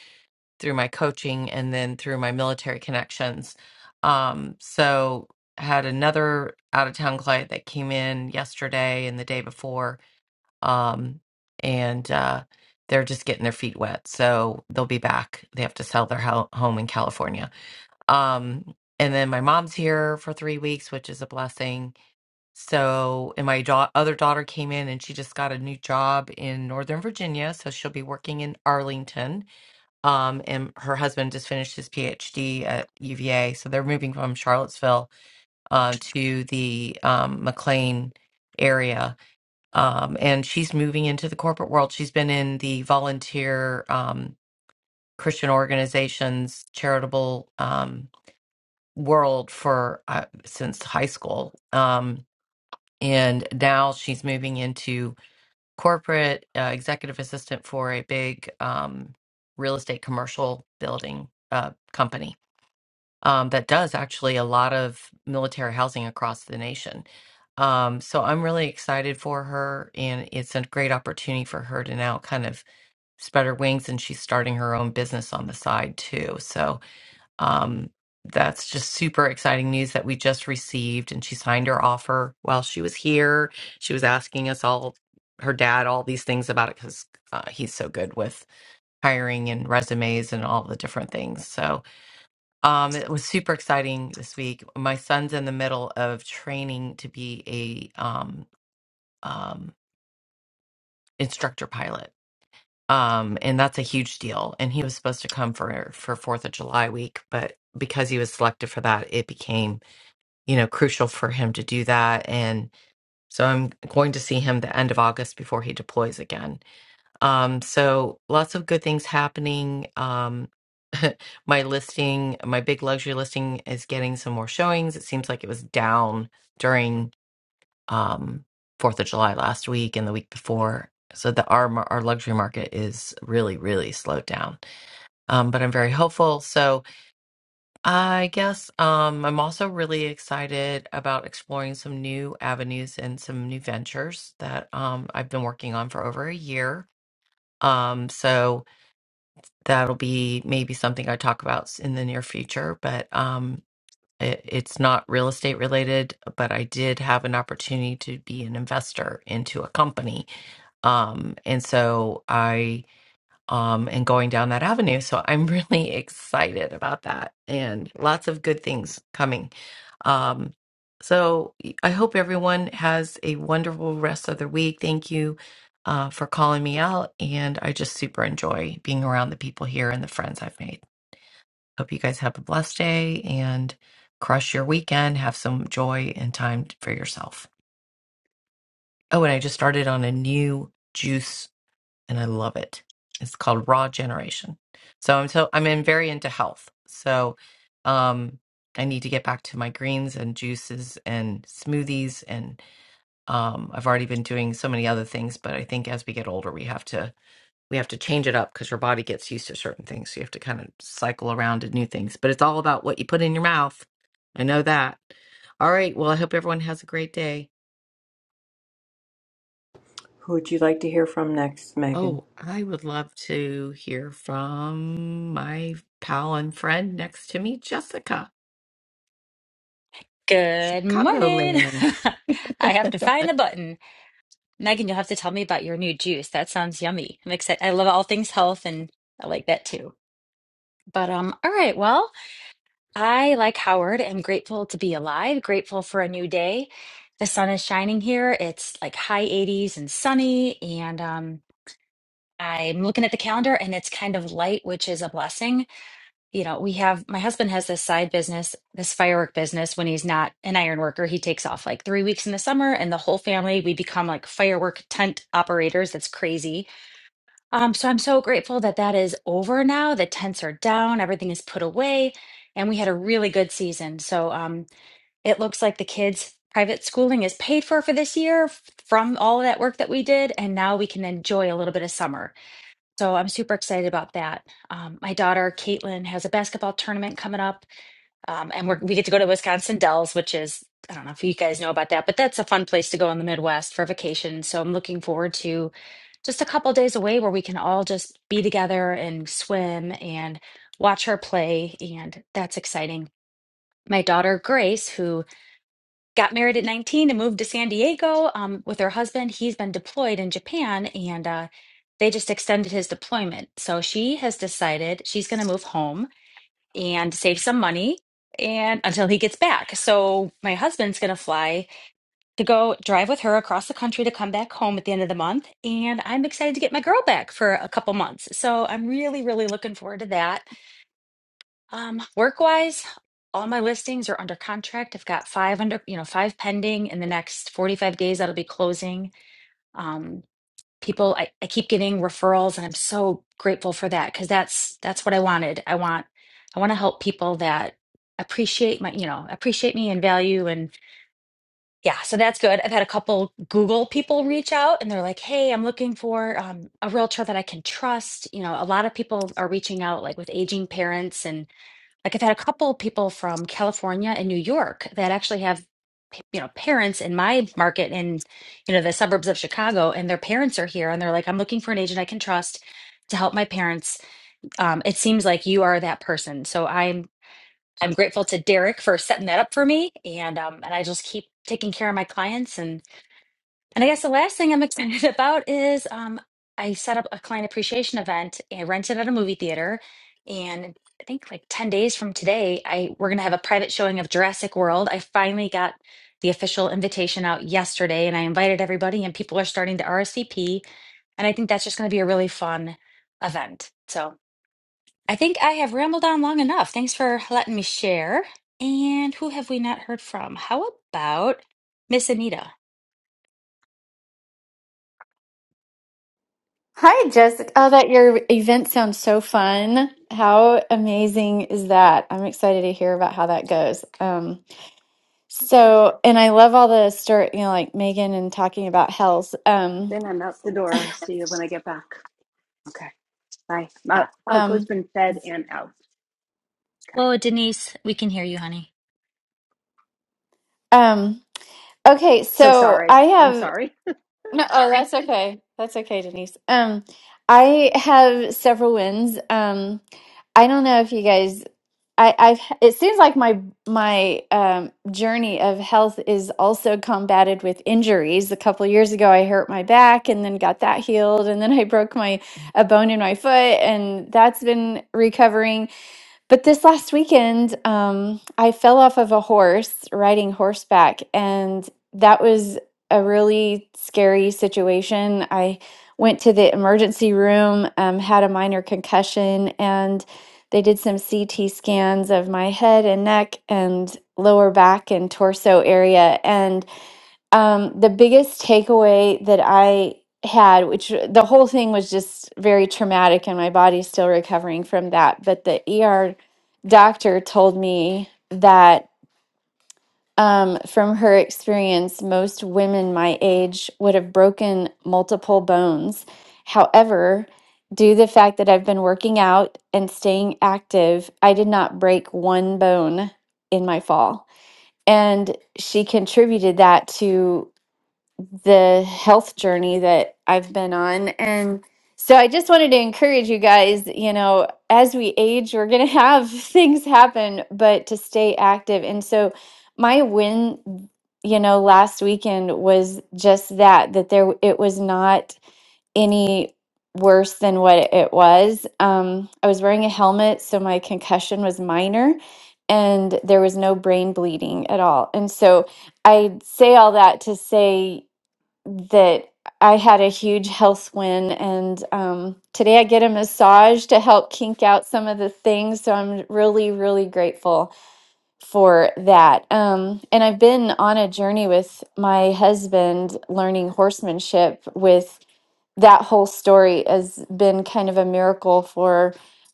H: through my coaching and then through my military connections. Um, so I had another out of town client that came in yesterday and the day before um, and uh, they're just getting their feet wet. So they'll be back. They have to sell their ho- home in California. Um, and then my mom's here for three weeks, which is a blessing. So, and my da- other daughter came in and she just got a new job in Northern Virginia. So she'll be working in Arlington. Um, and her husband just finished his PhD at UVA. So they're moving from Charlottesville uh, to the um, McLean area um, and she's moving into the corporate world. She's been in the volunteer um, Christian organizations, charitable um, world for uh, since high school, um, and now she's moving into corporate uh, executive assistant for a big um, real estate commercial building uh, company um, that does actually a lot of military housing across the nation. Um, so I'm really excited for her, and it's a great opportunity for her to now kind of spread her wings, and she's starting her own business on the side too. So um, that's just super exciting news that we just received, and she signed her offer while she was here. She was asking us all, her dad, all these things about it because uh, he's so good with hiring and resumes and all the different things. So um, it was super exciting this week. My son's in the middle of training to be a um, um, instructor pilot, um, and that's a huge deal. And he was supposed to come for for Fourth of July week, but because he was selected for that, it became you know crucial for him to do that. And so I'm going to see him the end of August before he deploys again Um, so lots of good things happening. Um, my listing, my big luxury listing is getting some more showings. It seems like it was down during um Fourth of July last week and the week before. So the our mar- our luxury market is really really slowed down. Um, but I'm very hopeful. So I guess um, I'm also really excited about exploring some new avenues and some new ventures that um, I've been working on for over a year. Um, so that'll be maybe something I talk about s- in the near future, but um, it, it's not real estate related. But I did have an opportunity to be an investor into a company, um, and so I um, and going down that avenue. So I'm really excited about that and lots of good things coming. Um, so I hope everyone has a wonderful rest of the week. Thank you uh, for calling me out. And I just super enjoy being around the people here and the friends I've made. Hope you guys have a blessed day and crush your weekend. Have some joy and time for yourself. Oh, and I just started on a new juice and I love it. It's called Raw Generation. So I'm so I'm in very into health. So um I need to get back to my greens and juices and smoothies and um I've already been doing so many other things, but I think as we get older we have to we have to change it up because your body gets used to certain things. So you have to kind of cycle around to new things. But it's all about what you put in your mouth. I know that. All right. Well, I hope everyone has a great day.
A: Who would you like to hear from next, Megan?
H: Oh, I would love to hear from my pal and friend next to me, Jessica,
I: Good morning.
H: Chicagoland.
I: I have to find the button. Megan, you'll have to tell me about your new juice. That sounds yummy. I'm excited. I love all things health and I like that too. But um all right, well, I like Howard am grateful to be alive, grateful for a new day. The sun is shining here. It's like high 80s and sunny and um I'm looking at the calendar and it's kind of light, which is a blessing. you know, we have my husband has this side business, this firework business. When he's not an iron worker, he takes off like three weeks in the summer, and the whole family we become like firework tent operators. That's crazy. Um, so I'm so grateful that that is over now. The tents are down, everything is put away, and we had a really good season. So um, it looks like the kids' private schooling is paid for for this year f- from all of that work that we did, and now we can enjoy a little bit of summer. So I'm super excited about that. Um, my daughter Caitlin has a basketball tournament coming up, um, and we're, we get to go to Wisconsin Dells, which is I don't know if you guys know about that, but that's a fun place to go in the Midwest for vacation. So I'm looking forward to just a couple days away where we can all just be together and swim and watch her play, and that's exciting. My daughter Grace, who got married at 19 and moved to San Diego um, with her husband. He's been deployed in Japan and uh, they just extended his deployment. So she has decided she's going to move home and save some money and until he gets back. So my husband's going to fly to go drive with her across the country to come back home at the end of the month and I'm excited to get my girl back for a couple months. So I'm really really looking forward to that. Um, work wise, all my listings are under contract. I've got five under, you know, five pending in the next 45 days that'll be closing. Um, people, I, I keep getting referrals and I'm so grateful for that because that's that's what I wanted. I want I want to help people that appreciate my, you know, appreciate me and value and yeah, so that's good. I've had a couple Google people reach out and they're like, "Hey, I'm looking for um, a realtor that I can trust." You know, a lot of people are reaching out like with aging parents and like I've had a couple of people from California and New York that actually have, you know, parents in my market in, you know, the suburbs of Chicago, and their parents are here, and they're like, I'm looking for an agent I can trust to help my parents. Um, it seems like you are that person, so I'm I'm grateful to Derek for setting that up for me, and um, and I just keep taking care of my clients and. And I guess the last thing I'm excited about is um, I set up a client appreciation event and rented at a movie theater. And I think like 10 days from today, I we're gonna have a private showing of Jurassic World. I finally got the official invitation out yesterday and I invited everybody and people are starting to RSVP. And I think that's just gonna be a really fun event. So I think I have rambled on long enough. Thanks for letting me share. And who have we not heard from? How about Miss Anita?
J: Hi, Jessica. Oh, that your event sounds so fun. How amazing is that? I'm excited to hear about how that goes. Um, so, and I love all the story, you know, like Megan and talking about health. Um,
K: Then I'm out the door. I'll see you when I get back. Okay. Bye. Uh,
J: uh,
K: Coco's
J: um,
K: been fed and out. Okay.
I: Oh, Denise, we can hear you, honey.
J: um, okay,
K: So
J: so
K: sorry.
J: I
K: I'm
J: have.
K: sorry.
J: No, oh, Sorry. that's okay. That's okay, Denise. Um, I have several wins. Um, I don't know if you guys, I, I've, it seems like my my um, journey of health is also combated with injuries. A couple years ago, I hurt my back and then got that healed, and then I broke my a bone in my foot, and that's been recovering. But this last weekend, um, I fell off of a horse riding horseback, and that was a really scary situation. I went to the emergency room, um, had a minor concussion, and they did some CT scans of my head and neck and lower back and torso area. And um, the biggest takeaway that I had, which the whole thing was just very traumatic, and my body's still recovering from that. But the ER doctor told me that um, from her experience, most women my age would have broken multiple bones. However, due to the fact that I've been working out and staying active, I did not break one bone in my fall. And she contributed that to the health journey that I've been on. And so I just wanted to encourage you guys, you know, as we age, we're going to have things happen, but to stay active. And so my win, you know, last weekend was just that, that there, it was not any worse than what it was. Um, I was wearing a helmet, so my concussion was minor and there was no brain bleeding at all. And so I say all that to say that I had a huge health win, and um, today I get a massage to help kink out some of the things. So I'm really, really grateful for that. Um, and I've been on a journey with my husband learning horsemanship with that whole story has been kind of a miracle for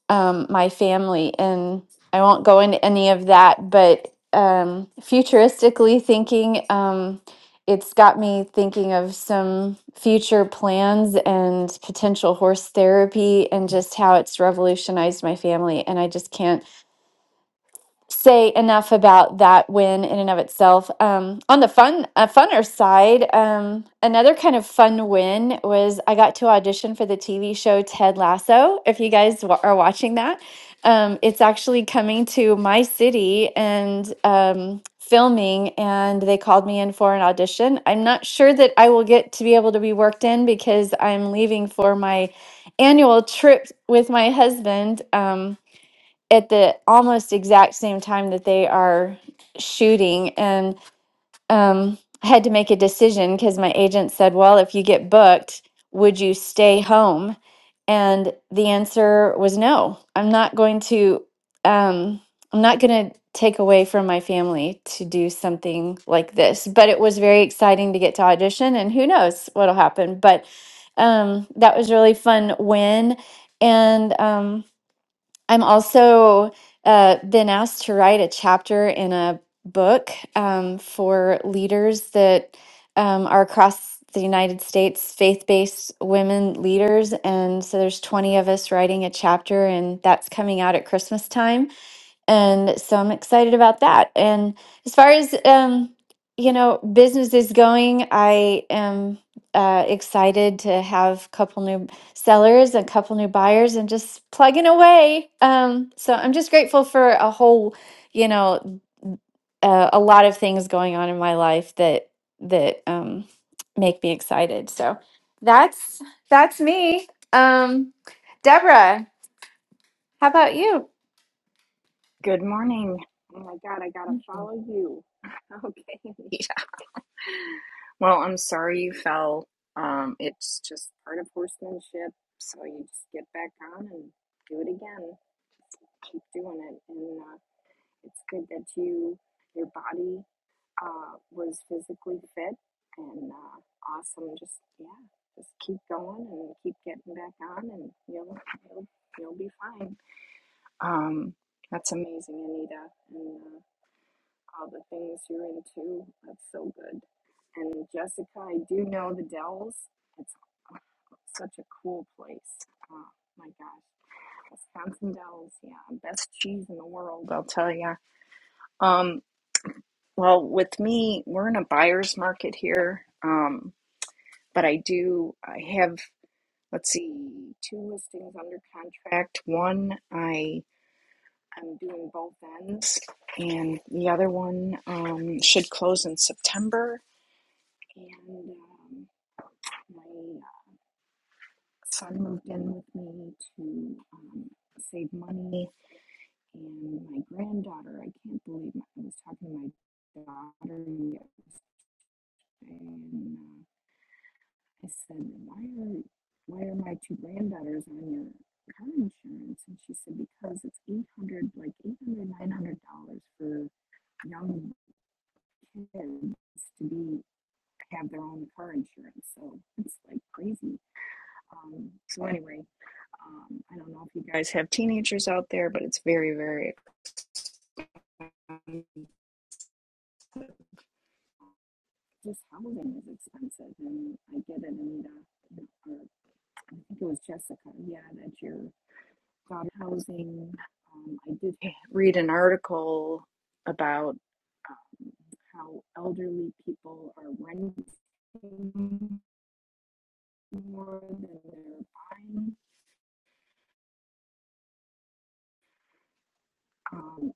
J: um, my family. And I won't go into any of that, but um, futuristically thinking, um, it's got me thinking of some future plans and potential horse therapy and just how it's revolutionized my family. And I just can't say enough about that win in and of itself. Um, on the fun, uh, funner side, um, another kind of fun win was I got to audition for the TV show Ted Lasso. If you guys wa- are watching that, um, it's actually coming to my city and um, filming, and they called me in for an audition. I'm not sure that I will get to be able to be worked in because I'm leaving for my annual trip with my husband. Um, at the almost exact same time that they are shooting and um had to make a decision because my agent said well if you get booked would you stay home and the answer was no i'm not going to um i'm not going to take away from my family to do something like this but it was very exciting to get to audition and who knows what'll happen but um that was really fun win and um I'm also uh, been asked to write a chapter in a book um, for leaders that um, are across the United States, faith based women leaders. And so there's 20 of us writing a chapter, and that's coming out at Christmas time and so i'm excited about that and as far as um you know business is going i am uh, excited to have a couple new sellers a couple new buyers and just plugging away um so i'm just grateful for a whole you know uh, a lot of things going on in my life that that um make me excited so that's that's me um deborah how about you
L: Good morning. Oh my God, I gotta follow you. Okay, Anita. Well, I'm sorry you fell. Um, it's just part of horsemanship, so you just get back on and do it again. Keep doing it, and uh, it's good that you, your body, uh, was physically fit and uh, awesome. Just yeah, just keep going and keep getting back on, and you'll you'll, you'll be fine. Um, that's amazing, Anita, And. Uh, all the things you're into. That's so good. And Jessica, I do know the Dells. It's such a cool place. Oh my gosh, Wisconsin Dells, yeah, best cheese in the world, I'll tell you. Um, well, with me, we're in a buyer's market here. Um, but I do, I have, let's see, two listings under contract. One, I I'm doing both ends, and the other one um, should close in September and um, my son moved in with me to um, save money and my granddaughter i can't believe my, i was talking to my daughter yesterday and uh, i said why are why are my two granddaughters on your car insurance and she said because it's 800 like 800 900 dollars nine hundred dollars for young kids to be have their own car insurance so it's like crazy um, so anyway Um, I don't know if you guys have teenagers out there, but it's very, very expensive. Just housing is expensive, and I get it, Anita. Or I think it was Jessica. Yeah, that your daughter housing. Um, I did read an article about um, how elderly people are renting more than they're buying. Um,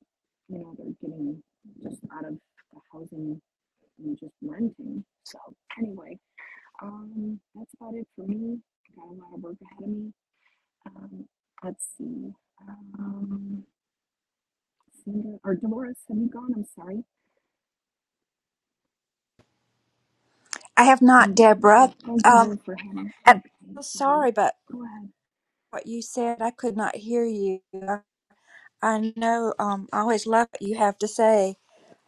L: you know, they're getting just out of the housing and just renting. So anyway, um, that's about it for me. I got a lot of work ahead of me. Um, let's see. Um, Sandra or Dolores, have you gone? I'm sorry.
M: I have not,
L: And
M: Deborah.
L: thank you,
M: Um,
L: Ruth, for having.
M: I'm
L: Okay,
M: so
L: sorry.
M: sorry, but
L: Go ahead.
M: what you said, I could not hear you. I know. Um, I always love what you have to say.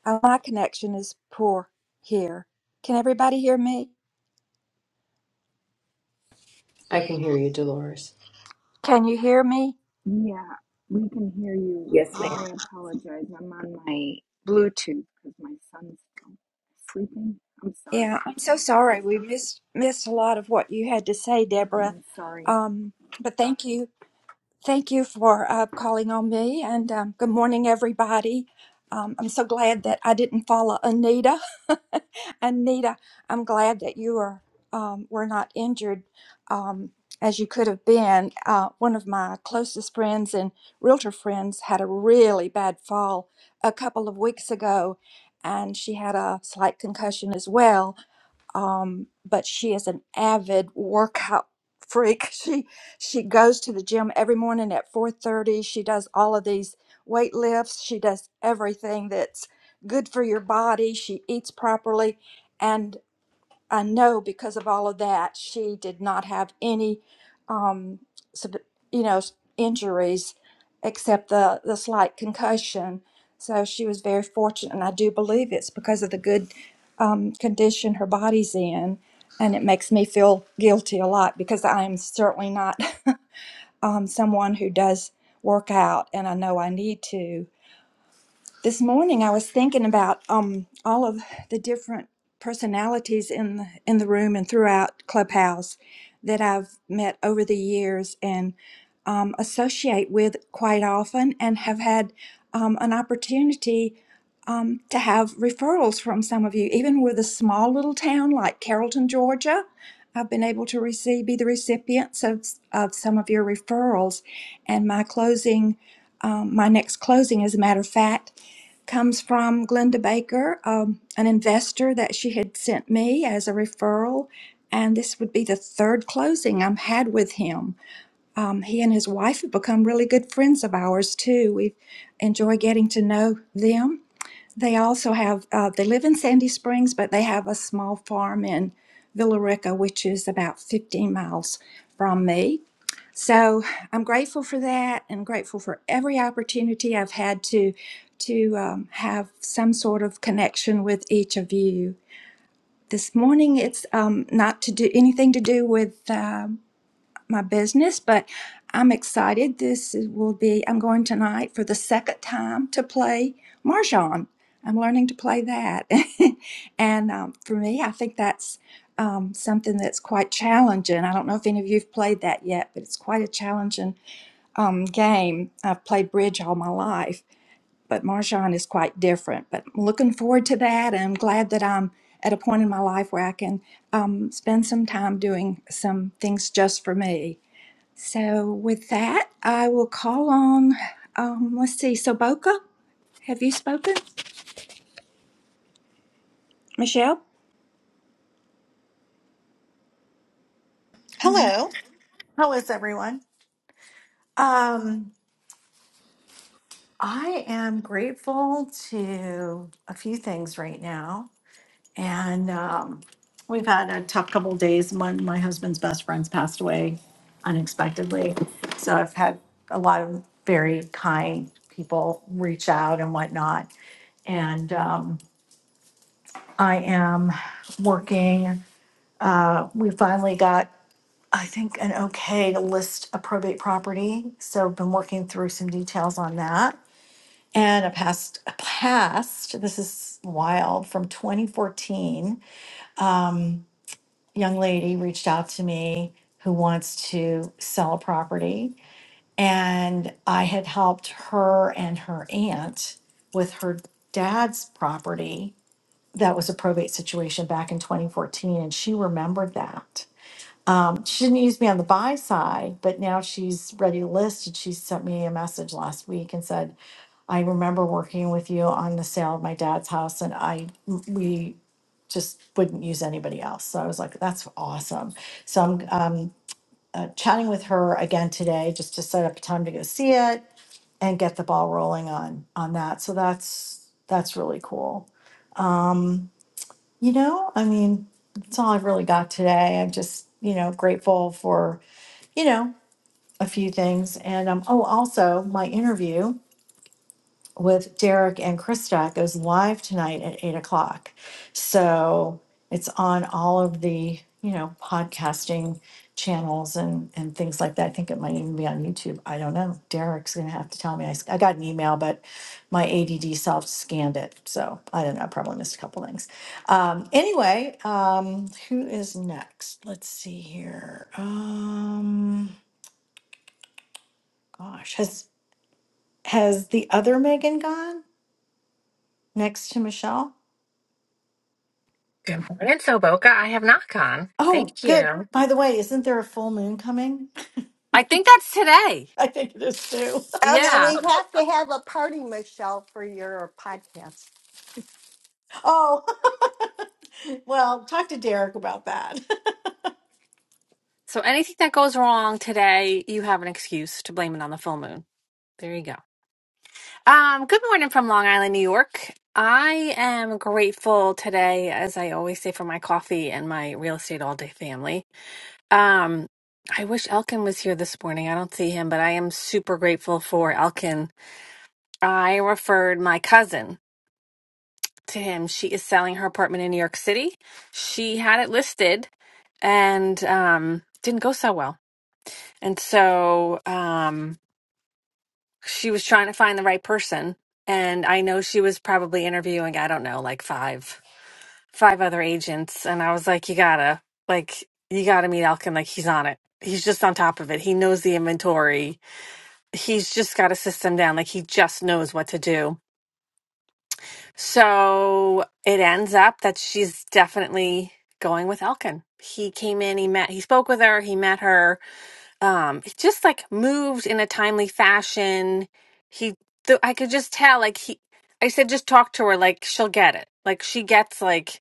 M: Uh, my connection is poor here. Can everybody hear me?
A: I can hear you, Dolores.
M: Can you hear me?
L: Yeah, we can hear you,
A: Yes,
L: and
A: ma'am.
L: I apologize. I'm on my Bluetooth because my son's still sleeping. I'm sorry.
M: Yeah, I'm so sorry. We missed missed a lot of what you had to say, Deborah.
L: I'm sorry.
M: Um, but thank you. Thank you for uh, calling on me, and um, good morning, everybody. Um, I'm so glad that I didn't follow Anita. Anita, I'm glad that you are um, were not injured um, as you could have been. Uh, one of my closest friends and realtor friends had a really bad fall a couple of weeks ago, and she had a slight concussion as well um, but she is an avid workout freak. She she goes to the gym every morning at 4:30. She does all of these weight lifts. She does everything that's good for your body. She eats properly, and I know because of all of that, she did not have any, um, sub- you know, s- injuries except the, the slight concussion. So she was very fortunate, and I do believe it's because of the good um, condition her body's in. And it makes me feel guilty a lot because I am certainly not um, someone who does work out, and I know I need to. This morning I was thinking about um all of the different personalities in the, in the room and throughout Clubhouse that I've met over the years and um, associate with quite often and have had um, an opportunity um, to have referrals from some of you, even with a small little town like Carrollton, Georgia. I've been able to receive, be the recipients of, of some of your referrals. And my closing, um, my next closing, as a matter of fact, comes from Glenda Baker, um, an investor that she had sent me as a referral. And this would be the third closing i have had with him. Um, he and his wife have become really good friends of ours too. We enjoy getting to know them. They also have uh, they live in Sandy Springs, but they have a small farm in Villarica, which is about 15 miles from me. So I'm grateful for that, and grateful for every opportunity I've had to to um, have some sort of connection with each of you. This morning, it's um, not to do anything to do with um my business, but I'm excited. This is- will be I'm going tonight for the second time to play mahjong. I'm learning to play that, and um, for me, I think that's um, something that's quite challenging. I don't know if any of you've played that yet, but it's quite a challenging um, game. I've played bridge all my life, but Marjan is quite different. But I'm looking forward to that. And I'm glad that I'm at a point in my life where I can um, spend some time doing some things just for me. So, with that, I will call on, um, let's see, Soboka, have you spoken? Michelle?
N: Hello. How is everyone? Um, I am grateful to a few things right now. And um, we've had a tough couple of days. My, my husband's best friend's passed away unexpectedly. So I've had a lot of very kind people reach out and whatnot. And um, I am working. Uh, we finally got I think, an okay to list a probate property. So I've been working through some details on that. And a past, a past, this is wild, from 2014, um, young lady reached out to me who wants to sell a property. And I had helped her and her aunt with her dad's property. That was a probate situation back in 2014. And she remembered that. Um, she didn't use me on the buy side, but now she's ready to list. And she sent me a message last week and said, I remember working with you on the sale of my dad's house, and I we just wouldn't use anybody else. So I was like, that's awesome. So I'm um, uh, chatting with her again today just to set up a time to go see it and get the ball rolling on on that. So that's that's really cool. You know, I mean, that's all I've really got today. I'm just you know grateful for you know. a few things. And um, oh, also my interview with Derek and Krista goes live tonight at eight o'clock. So it's on all of the, you know, podcasting channels and, and things like that. I think it might even be on YouTube. I don't know. Derek's going to have to tell me. I, s- I got an email, but my ADD self scanned it. So I don't know. I probably missed a couple things. Um, anyway, um, who is next? Let's see here. Um, gosh, has Has the other Megan gone next to Michelle?
O: Good morning, Soboka. I have not gone.
N: Oh,
O: Thank
N: good.
O: you.
N: By the way, isn't there a full moon coming?
O: I think that's today.
N: I think it is too.
E: Oh, then
O: Yeah.
E: we have to have a party, Michelle, for your podcast.
N: Oh, well, talk to Derek about that.
O: So anything that goes wrong today, you have an excuse to blame it on the full moon. There you go. Um, good morning from Long Island, New York. I am grateful today, as I always say, for my coffee and my real estate all day family. Um, I wish Elkin was here this morning. I don't see him, but I am super grateful for Elkin. I referred my cousin to him. She is selling her apartment in New York City. She had it listed and um, didn't go so well. And so um, she was trying to find the right person. And I know she was probably interviewing, I don't know, like five, five other agents. And I was like, you gotta, like, you gotta meet Elkin. Like, he's on it. He's just on top of it. He knows the inventory. He's just got a system down. Like, he just knows what to do So it ends up that she's definitely going with Elkin. He came in, he met, he spoke with her, he met her. Um, it just like moved in a timely fashion. He, th- I could just tell, like he, I said, just talk to her, like she'll get it. Like she gets like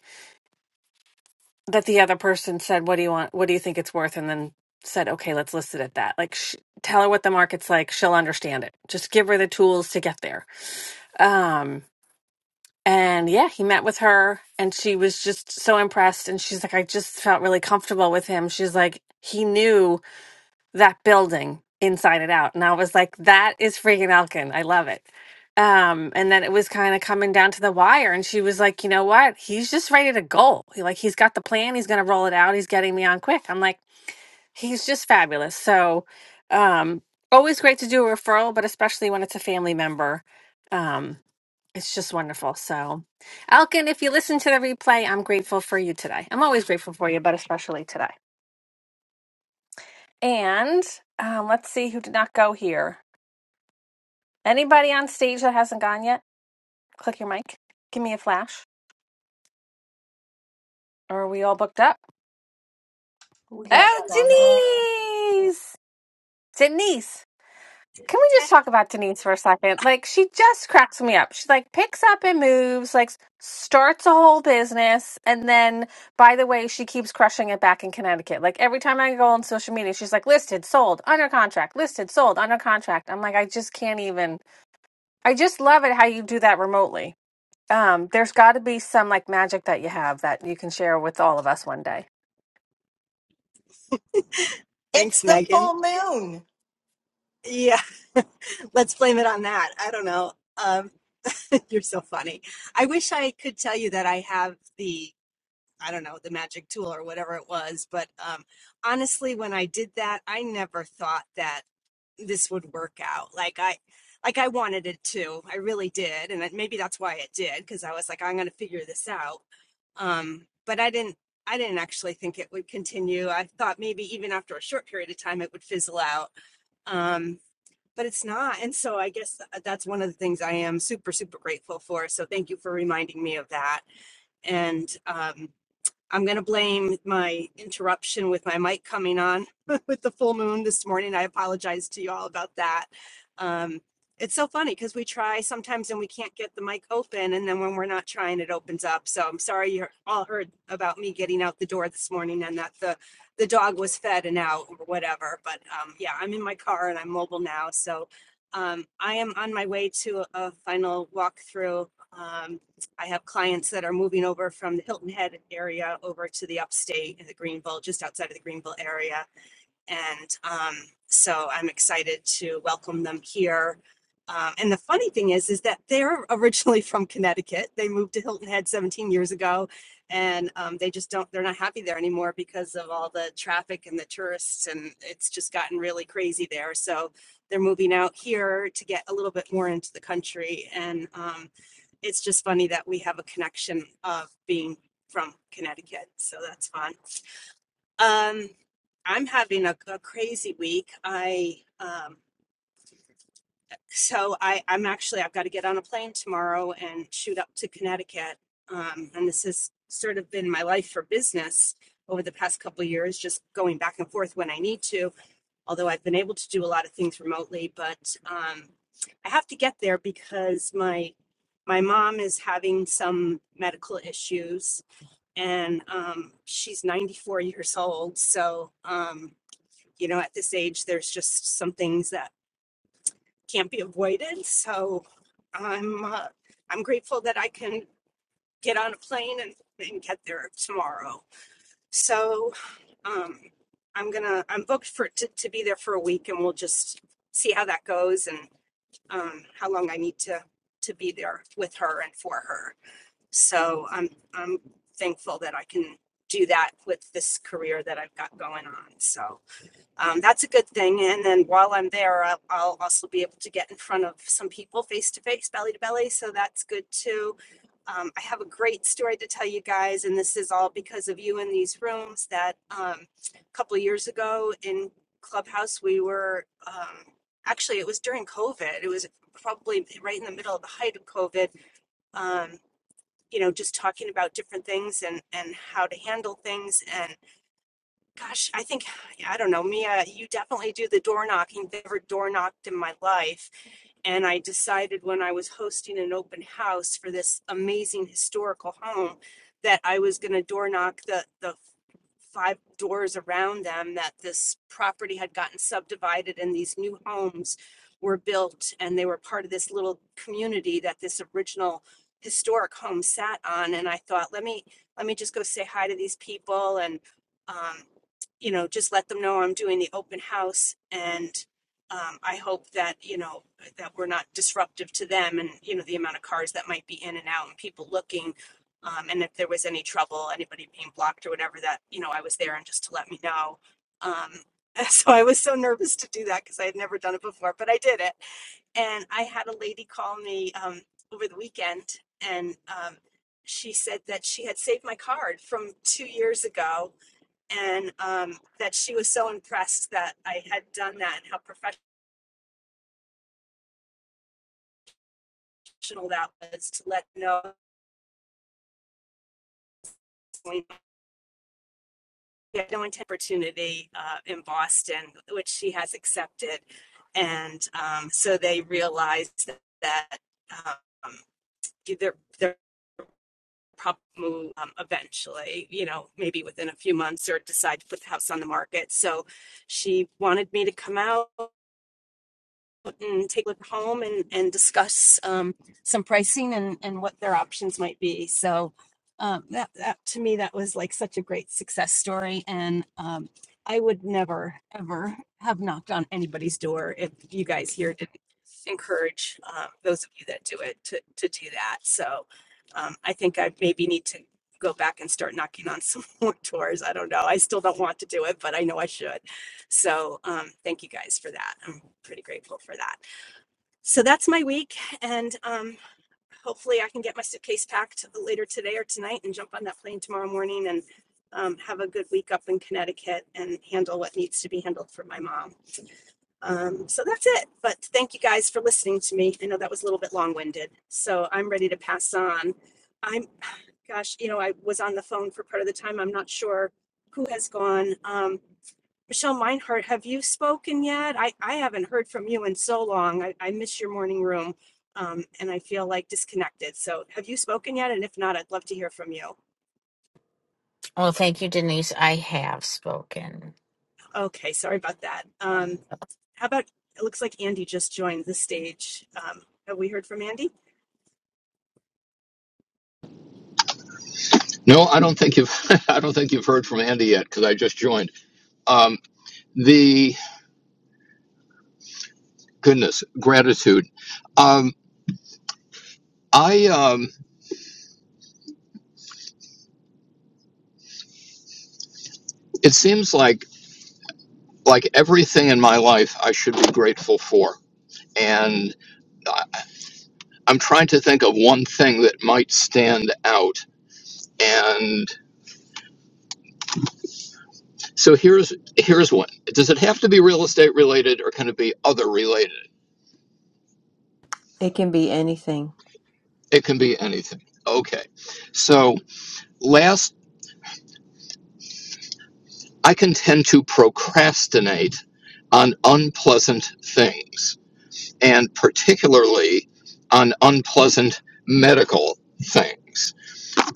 O: that. The other person said, "What do you want? What do you think it's worth?" And then said, "Okay, let's list it at that." Like sh- tell her what the market's like, she'll understand it. Just give her the tools to get there. Um, And yeah, he met with her and she was just so impressed. And she's like, I just felt really comfortable with him. She's like, he knew that building inside and out. And I was like, that is freaking Elkin. I love it. Um, and then it was kind of coming down to the wire. And she was like, you know what? He's just ready to go. He, like, he's got the plan. He's going to roll it out. He's getting me on quick. I'm like, he's just fabulous. So, um, always great to do a referral, but especially when it's a family member. Um, it's just wonderful. So, Alkin, if you listen to the replay, I'm grateful for you today. I'm always grateful for you, but especially today. And um, let's see who did not go here. Anybody on stage that hasn't gone yet? Click your mic. Give me a flash. Are we all booked up?
A: We got Sandra.
O: Oh, Denise! Denise! Can we just talk about Denise for a second? Like, she just cracks me up. She like picks up and moves, like starts a whole business, and then, by the way, she keeps crushing it back in Connecticut. Like every time I go on social media, she's like listed, sold, under contract, listed, sold, under contract. I'm like, I just can't even. I just love it how you do that remotely. Um, there's got to be some like magic that you have that you can share with all of us one day.
E: It's
K: Thanks,
E: the
K: Megan.
E: full moon.
K: Yeah, let's blame it on that. I don't know. Um, you're so funny. I wish I could tell you that I have the I don't know, the magic tool or whatever it was. But um, honestly, when I did that, I never thought that this would work out. Like I, like I wanted it to. I really did, and that- maybe that's why it did because I was like, I'm going to figure this out. Um, but I didn't. I didn't actually think it would continue. I thought maybe even after a short period of time it would fizzle out. Um, but it's not. And so I guess th- that's one of the things I am super, super grateful for. So thank you for reminding me of that. And um, I'm going to blame my interruption with my mic coming on with the full moon this morning. I apologize to you all about that. Um, it's so funny because we try sometimes and we can't get the mic open. And then when we're not trying, it opens up. So I'm sorry you all heard about me getting out the door this morning and that the, the dog was fed and out or whatever. But um, yeah, I'm in my car and I'm mobile now. So um, I am on my way to a a final walkthrough um, I have clients that are moving over from the Hilton Head area over to the upstate in the Greenville, just outside of the Greenville area. And um, so I'm excited to welcome them here. Um, and the funny thing is, is that they're originally from Connecticut. They moved to Hilton Head 17 years ago, and um, they just don't, they're not happy there anymore because of all the traffic and the tourists, and it's just gotten really crazy there. So they're moving out here to get a little bit more into the country. And um, it's just funny that we have a connection of being from Connecticut. So that's fun. Um, I'm having a, a crazy week. I um, so I I'm actually I've got to get on a plane tomorrow and shoot up to Connecticut. Um, and this has sort of been my life for business over the past couple of years, just going back and forth when I need to. Although I've been able to do a lot of things remotely, but um, I have to get there because my my mom is having some medical issues, and um, she's 94 years old. So. Um, you know, at this age, there's just some things that can't be avoided. So I'm uh, I'm grateful that I can get on a plane and, and get there tomorrow. So um, I'm gonna I'm booked for to, to be there for a week, and we'll just see how that goes and um, how long I need to to be there with her and for her. So I'm I'm thankful that I can do that with this career that I've got going on. So um, that's a good thing. And then while I'm there, I'll, I'll also be able to get in front of some people face to face, belly to belly. So that's good too. Um, I have a great story to tell you guys, and this is all because of you in these rooms. That um, a couple of years ago in Clubhouse, we were um, actually it was during COVID. It was probably right in the middle of the height of COVID. Um, you know, just talking about different things and and how to handle things and Gosh, I think, yeah, I don't know, Mia, you definitely do the door knocking. Never door knocked in my life. And I decided when I was hosting an open house for this amazing historical home that I was going to door knock the, the five doors around them that this property had gotten subdivided and these new homes were built and they were part of this little community that this original historic home sat on and I thought let me let me just go say hi to these people and um you know just let them know I'm doing the open house and um I hope that you know that we're not disruptive to them and you know the amount of cars that might be in and out and people looking um, and if there was any trouble anybody being blocked or whatever that you know i was there and just to let me know um, so i was so nervous to do that because i had never done it before but i did it and I had a lady call me um, over the weekend, and um, she said that she had saved my card from two years ago, and um, that she was so impressed that I had done that and how professional that was to let know We had no intent opportunity uh, in Boston, which she has accepted, and um, so they realized that um, they're they're probably move um, eventually. You know, maybe within a few months, or decide to put the house on the market. So she wanted me to come out. and take a look home and, and discuss um, some pricing and, and what their options might be. So um, that, that to me, that was like such a great success story. And um, I would never, ever have knocked on anybody's door if you guys here didn't encourage uh, those of you that do it to, to do that. So um, I think I maybe need to go back and start knocking on some more doors. I don't know. I still don't want to do it, but I know I should. So um, thank you guys for that. I'm pretty grateful for that. So that's my week, and um, hopefully I can get my suitcase packed later today or tonight and jump on that plane tomorrow morning and um, have a good week up in Connecticut and handle what needs to be handled for my mom. Um, so that's it. But thank you guys for listening to me. I know that was a little bit long winded. So I'm ready to pass on. I'm, gosh, you know, I was on the phone for part of the time. I'm not sure who has gone. Um, Michelle Meinhardt, have you spoken yet? I, I haven't heard from you in so long. I, I miss your morning room um, and I feel like disconnected. So have you spoken yet? And if not, I'd love to hear from you.
F: Well, thank you, Denise. I have spoken.
K: Okay, sorry about that. Um, how about, it looks like Andy just joined the stage. Um, have we heard from Andy?
P: No, I don't think you've I don't think you've heard from Andy yet because I just joined. Um, the goodness, gratitude. Um, I um, it seems like like everything in my life I should be grateful for, and I- I'm trying to think of one thing that might stand out. And so here's here's one. Does it have to be real estate related, or can it be other related?
A: It can be anything.
P: It can be anything. Okay, so last I can tend to procrastinate on unpleasant things, and particularly on unpleasant medical things.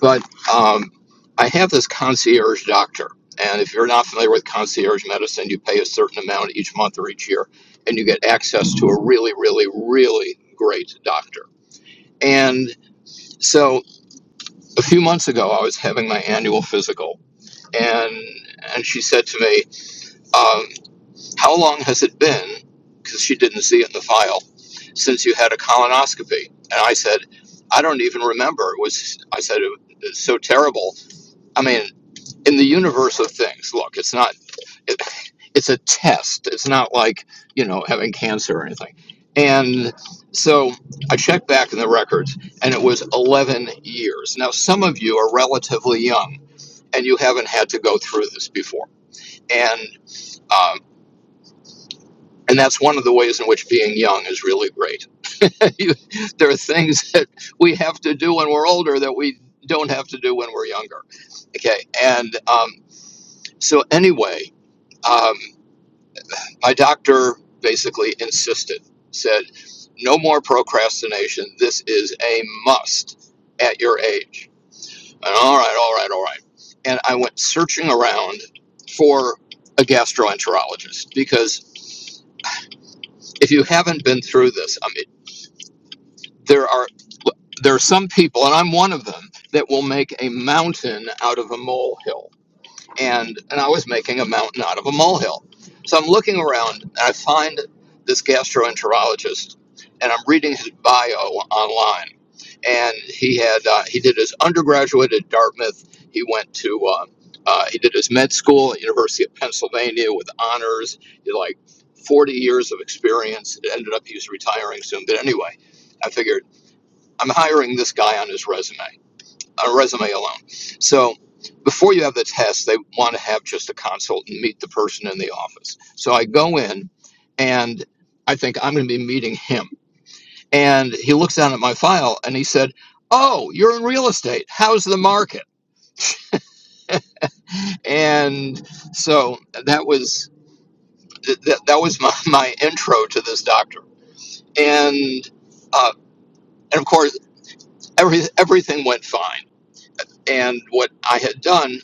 P: But um, I have this concierge doctor, and if you're not familiar with concierge medicine, you pay a certain amount each month or each year, and you get access to a really, really, really great doctor. And so a few months ago, I was having my annual physical, and and she said to me, um, How long has it been, because she didn't see it in the file, since you had a colonoscopy? And I said, I don't even remember. It was, I said, it was so terrible. I mean, in the universe of things, look, it's not, it, it's a test. It's not like, you know, having cancer or anything. And so I checked back in the records and it was 11 years. Now, some of you are relatively young and you haven't had to go through this before. And um, And that's one of the ways in which being young is really great. You- there are things that we have to do when we're older that we don't have to do when we're younger. Okay. And um, so, anyway, um, my doctor basically insisted, said, no more procrastination. This is a must at your age. And all right, all right, all right. And I went searching around for a gastroenterologist because if you haven't been through this, I mean. there are there are some people, and I'm one of them, that will make a mountain out of a molehill. And and I was making a mountain out of a molehill. So I'm looking around and I find this gastroenterologist, and I'm reading his bio online. And he had uh, he did his undergraduate at Dartmouth. He went to uh, uh, he did his med school at University of Pennsylvania with honors. He had like 40 years of experience. It ended up he was retiring soon, but anyway, I figured. I'm hiring this guy on his resume, a resume alone. So before you have the test, they want to have just a consult and meet the person in the office. So I go in and I think I'm going to be meeting him. And he looks down at my file and he said, Oh, you're in real estate. How's the market? And so that was th- that was my, my intro to this doctor. And uh, and of course, every, everything went fine. And what I had done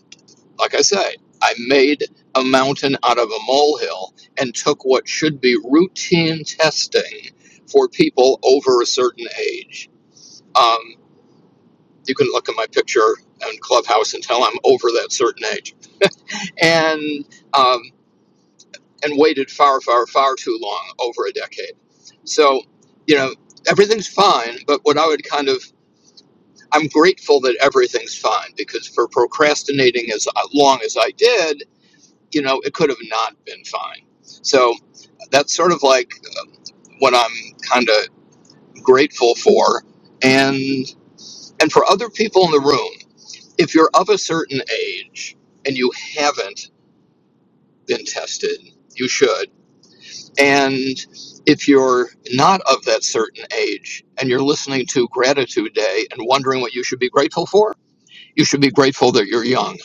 P: Like I say, I made a mountain out of a molehill and took what should be routine testing for people over a certain age. Um, you can look at my picture in Clubhouse and tell I'm over that certain age. And, um, and waited far, far, far too long, over a decade. So, you know, everything's fine, but what I would kind of, I'm grateful that everything's fine because for procrastinating as long as I did, you know, it could have not been fine. So that's sort of like what I'm kind of grateful for. And and for other people in the room, if you're of a certain age and you haven't been tested, you should. And if you're not of that certain age and you're listening to Gratitude Day and wondering what you should be grateful for, you should be grateful that you're young.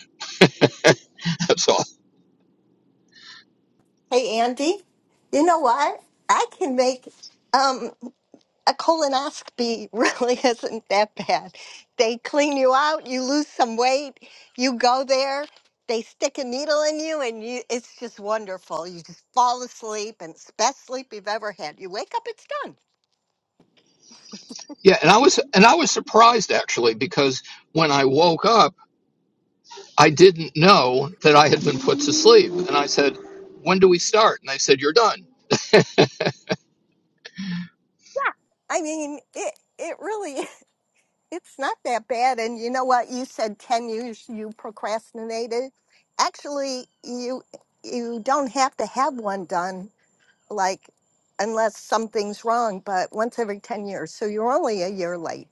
P: That's all.
E: Hey Andy, you know what? I can make um, a colonoscopy really isn't that bad. They clean you out, you lose some weight, you go there, they stick a needle in you, and you, it's just wonderful. You just fall asleep, and it's the best sleep you've ever had. You wake up, it's done.
P: Yeah, and I was and I was surprised actually because when I woke up I didn't know that I had been put to sleep. And I said, When do we start? And they said, You're done.
E: I mean, it it really it's not that bad. And you know what? You said ten years you procrastinated. Actually, you you don't have to have one done like unless something's wrong, but once every 10 years. So you're only a year late.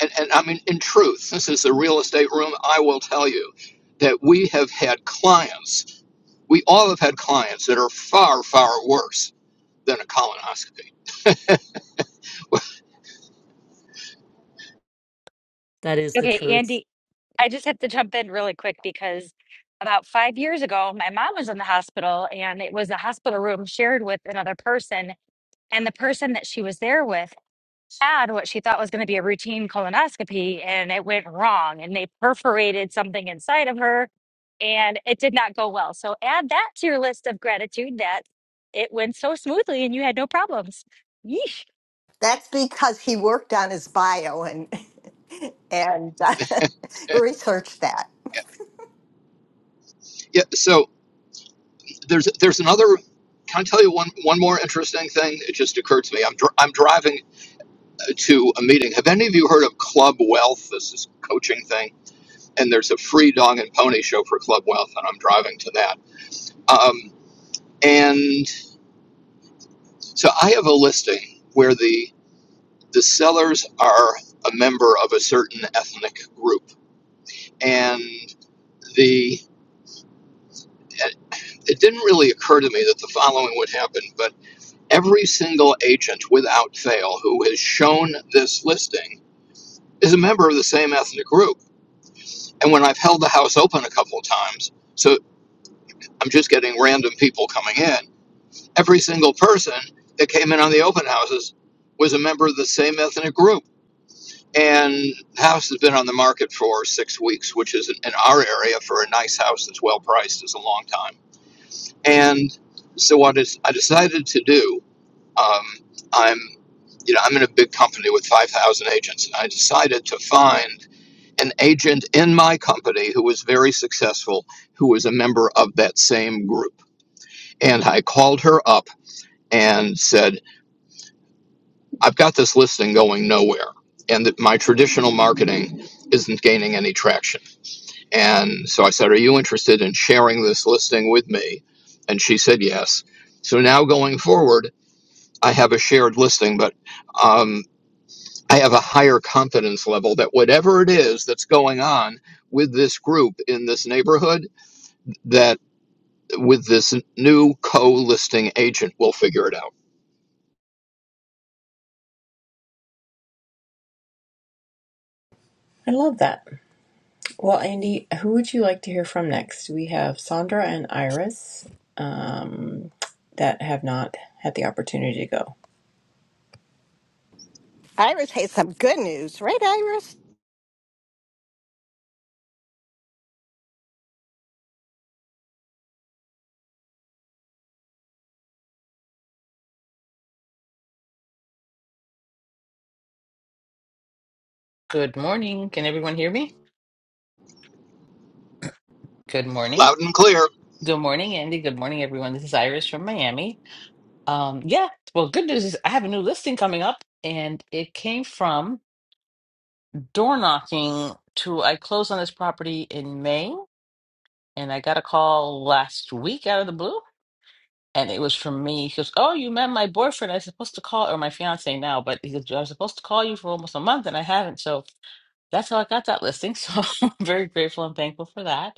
P: And, and I mean, in truth, this is the real estate room. I will tell you that we have had clients, we all have had clients that are far, far worse than a colonoscopy.
C: That is the
I: Okay,
C: truth.
I: Andy, I just have to jump in really quick because about five years ago, my mom was in the hospital and it was a hospital room shared with another person. And the person that she was there with had what she thought was going to be a routine colonoscopy and it went wrong and they perforated something inside of her and it did not go well. So add that to your list of gratitude that it went so smoothly and you had no problems.
E: That's because he worked on his bio and and uh, researched that.
P: Yeah, so there's there's another. Can I tell you one one more interesting thing? It just occurred to me. I'm dr- I'm driving uh, to a meeting. Have any of you heard of Club Wealth? This is a coaching thing and there's a free dog and pony show for Club Wealth, and I'm driving to that. Um, and so I have a listing where the the sellers are a member of a certain ethnic group, and the it didn't really occur to me that the following would happen, but every single agent without fail who has shown this listing is a member of the same ethnic group. And when I've held the house open a couple of times, so I'm just getting random people coming in every single person that came in on the open houses was a member of the same ethnic group. And the house has been on the market for six weeks, which is in our area for a nice house that's well priced is a long time. And so what is I decided to do? Um, I'm, you know, I'm in a big company with five thousand agents, and I decided to find an agent in my company who was very successful, who was a member of that same group. And I called her up and said, I've got this listing going nowhere, and that my traditional marketing isn't gaining any traction. And so I said, Are you interested in sharing this listing with me? And she said, Yes. So now going forward, I have a shared listing, but um, I have a higher confidence level that whatever it is that's going on with this group in this neighborhood, that with this new co listing agent, we'll figure it out.
A: I love that. Well, Andy, who would you like to hear from next? We have Sandra and Iris um, that have not had the opportunity to go.
E: Iris has some good news, right, Iris?
Q: Good morning. Can everyone hear me? Good morning.
P: Loud and clear.
Q: Good morning, Andy. Good morning, everyone. This is Iris from Miami. Um, yeah, well, good news is I have a new listing coming up, and it came from door knocking to I closed on this property in May, and I got a call last week out of the blue, and it was from me. He goes, "Oh, you met my boyfriend. I was supposed to call, or my fiance now, but he goes, I was supposed to call you for almost a month, and I haven't. So that's how I got that listing. So I'm very grateful and thankful for that."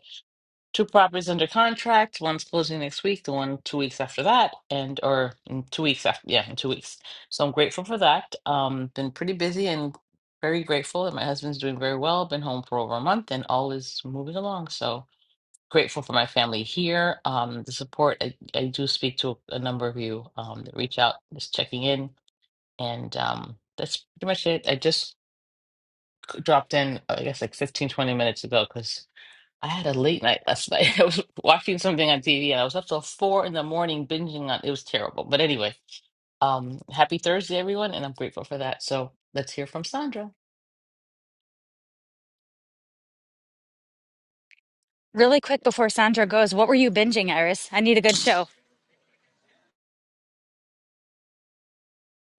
Q: two properties under contract. One's closing next week, the one two weeks after that, and or in two weeks after, yeah, in two weeks. So I'm grateful for that. Um, been pretty busy and very grateful that my husband's doing very well. Been home for over a month, and all is moving along. So grateful for my family here. Um, the support. I, I do speak to a number of you um, that reach out, just checking in, and um, that's pretty much it. I just dropped in, I guess, like 15 20 minutes ago because. I had a late night last night. I was watching something on TV and I was up till four in the morning binging on it was terrible. But anyway, um, happy Thursday, everyone, and I'm grateful for that. So let's hear from Sandra.
I: Really quick before Sandra goes, what were you binging, Iris? I need a good show.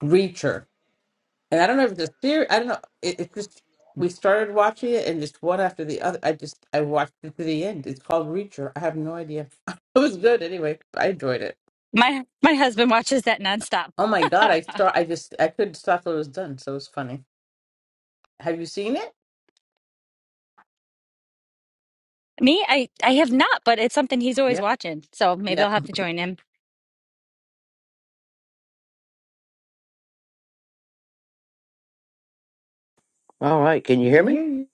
Q: Reacher. And I don't know if the series. I don't know. It, it's just, we started watching it and just one after the other. I just, I watched it to the end. It's called Reacher. I have no idea. It was good anyway. I enjoyed it.
I: My my husband watches that nonstop.
Q: Oh my God. I start, I just, I couldn't stop till it was done. So it was funny. Have you seen it?
I: Me, I I have not, but it's something he's always
Q: Yep.
I: watching. So maybe I'll
Q: Yep.
I: have to join him.
R: All right, can
Q: We
R: you hear
Q: can
R: me?
Q: hear you.